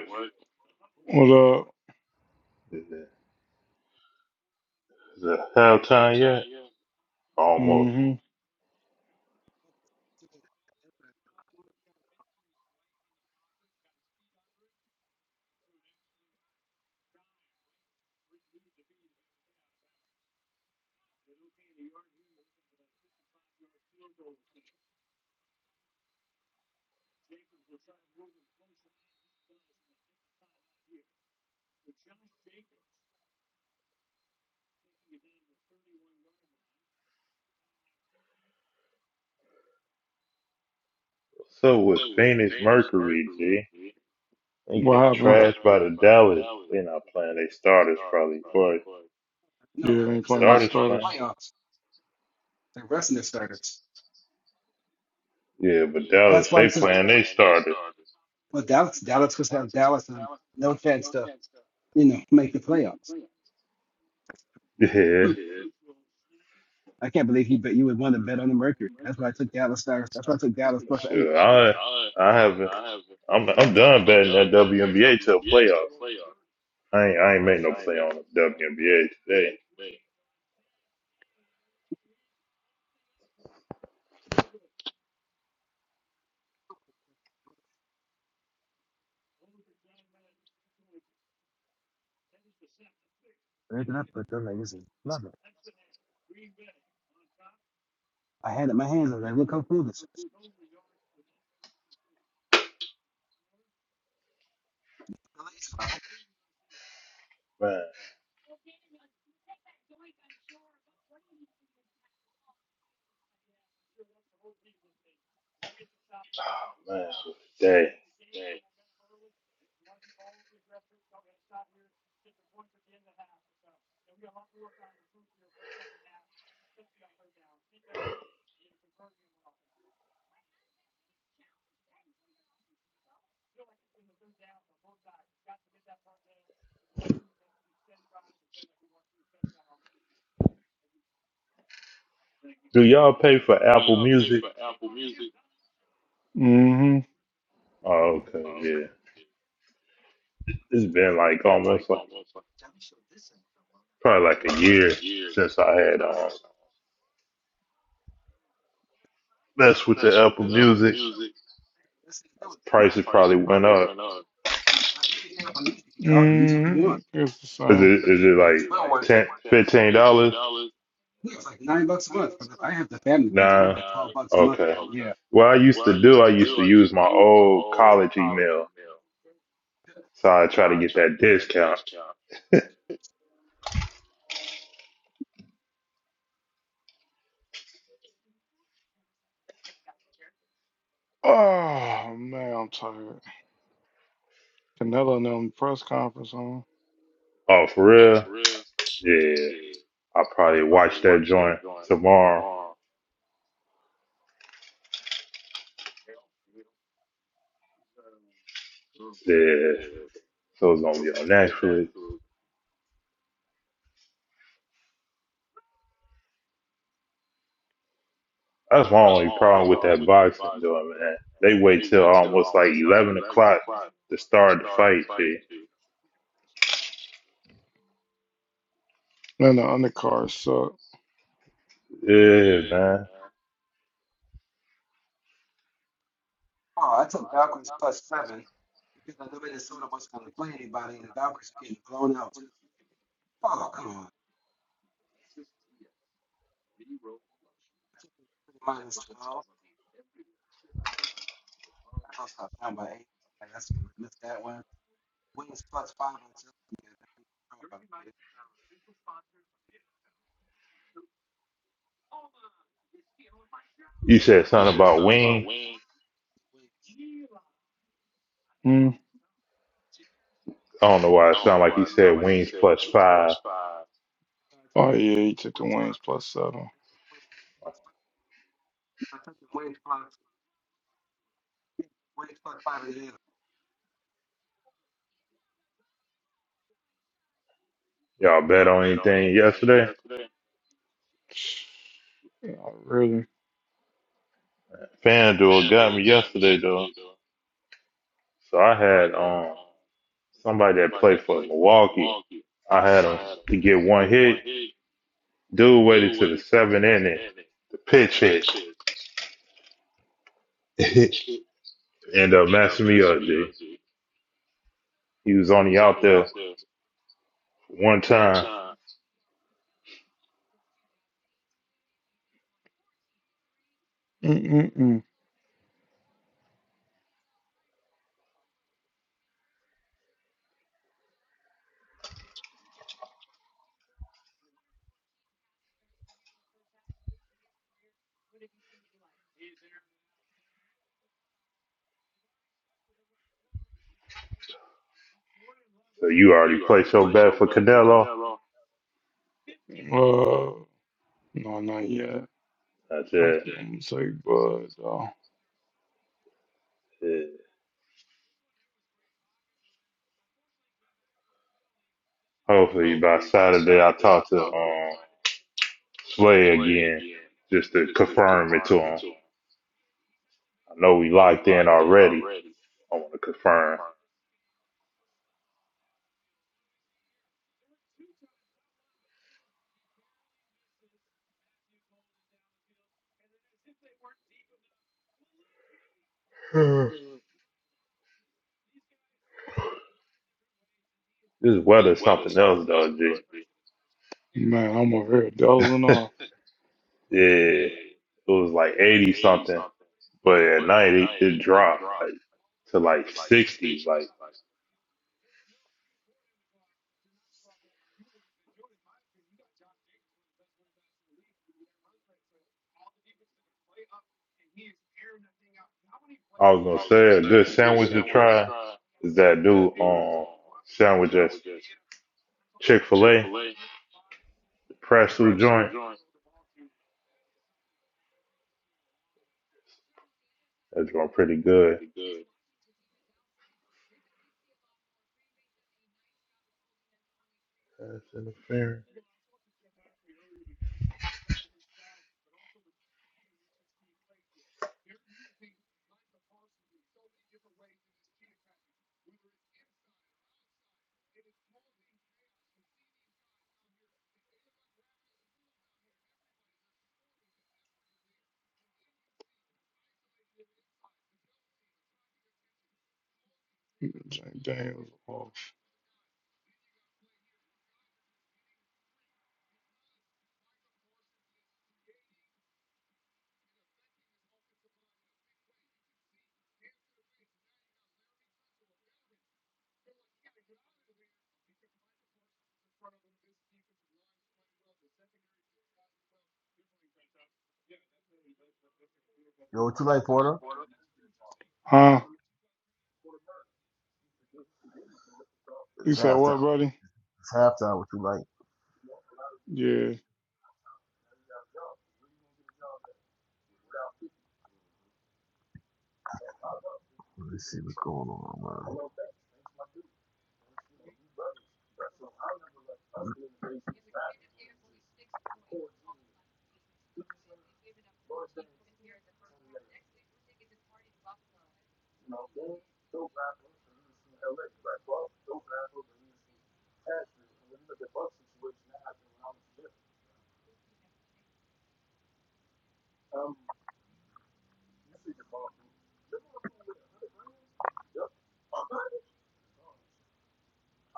E: What up?
C: Is it, is it halftime yet? Almost.
E: Mm-hmm.
C: So with Phoenix Mercury, G, they
E: What
C: getting
E: happened?
C: trashed by the Dallas. They not playing. They starters probably, but
F: No,
E: Yeah, they ain't
F: because they're
E: playing their
F: locked
C: starters
F: up for
C: playing.
E: starters.
F: the playoffs. They're resting their starters.
C: Yeah, but Dallas
F: That's why
C: they
F: it's a
C: playing. They starters.
F: well Dallas Dallas was have Dallas on no chance to, you know, make the playoffs. Hmm. I can't believe you bet you would want to bet on the Mercury. That's why I took Dallas starters. That's why I took Dallas
C: Yeah,
F: plus eight.
C: sure. I I haven't. I'm I'm done betting that WNBA till playoffs. I ain't I ain't made no play on the WNBA today.
F: Where did I put them niggas in? Nothing. I had it in my hands. I was like, look how cool this is. The Lakers, I hope
C: man. Man, what a day? Do y'all pay for Apple Music?
E: Mm-hmm.
C: Oh, okay, yeah.
F: this is
C: It's
F: what-
C: been like almost like probably like a year since I had um messed with the Apple Music.
F: this is doing.
C: Prices probably went up.
F: You can get up on music. You can get all the music you want.
E: Mm, it's the
C: Is
E: same.
C: it is it
F: It's
C: like
F: well worth it.
C: ten fifteen dollars?
F: Yeah, it's like nine bucks a month. But if I have the family plan, it's
C: Nah.
F: probably like twelve bucks a month
C: Okay.
F: or something. Yeah.
C: What I used to do, I used to use my old college email. So I try to get that discount.
E: Oh man, I'm tired. Canelo and them press conference on.
C: Oh, for real? Yeah. I'll probably watch that joint tomorrow. Yeah. So it's gonna be on Netflix. That's my only problem with that boxing doing, man. They wait till almost like eleven o'clock to start the fight, G.
E: Man, the undercard sucked.
C: Yeah, man.
F: Oh, I took Valkyries plus seven because I know Minnesota wasn't going to play anybody, and the Valkyries were getting blown out too. Oh, come on. I took Minus twelve. I was up down by eight. And that's gonna miss that one. Wings plus five. I took. Yeah, I think
C: You said something about wings.
F: Wings.
E: Mm.
C: I don't know why it sounded like he said wings plus five.
F: Uh, yeah, I get
E: Oh yeah, he took the
F: Wings plus
E: wings
F: five.
E: plus seven.
F: I took the wings plus wings plus five and a half.
C: Y'all bet on anything yesterday?
E: Yeah, really.
C: FanDuel got me yesterday though. So I had um somebody that played for Milwaukee. I had him to get one hit. Dude waited to the seventh inning. The pitch hit. End up messing me up, G. He was only out there one time.
E: Mm-mm-mm.
C: So you already played so bad for Canelo.
E: Uh, no, not yet.
C: I
E: I'm
C: said,
E: gonna take Bud though.
C: eh, hopefully by Saturday I talk to um Slay again just to confirm it to him. I know we locked in already. I want to confirm. Hmm. this weather's something else though, G.
E: Man, I'm over here dozing off.
C: Yeah, it was like 80 something, but at night it, it dropped like to like 60s. Like I was gonna say, a good sandwich to try is that new um sandwich at Chick Fil A. Press through joint. That's going pretty good. Pass interference.
E: Jane Daniels off.
B: Yo, what you like, Porter?
E: Huh? You
B: It's
E: said
B: halftime.
E: what, buddy?
B: It's halftime. What you like?
E: Yeah.
B: Let me see what's going on,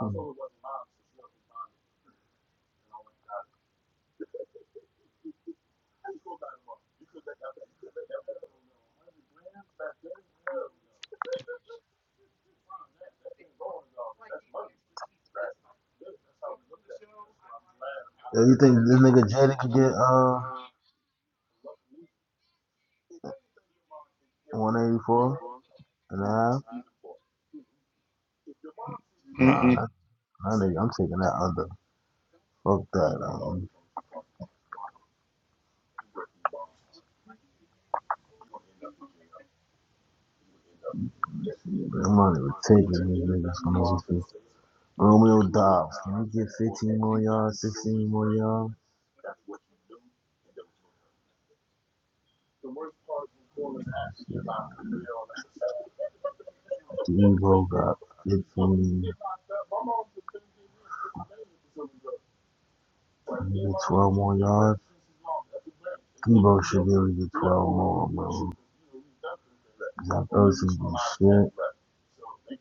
B: man. you think this nigga Jada could get uh one eighty four and a half? Nah, that, that nigga, I'm taking that under. Fuck that. I'm, I'm not even taking these niggas from overseas. Romeo Dobbs, can he get 15 more yards, 16 more yards? D'Ebo got 15. You get 12 more yards. Debo should be able to get 12 more, man. Zach Ertz has been shit.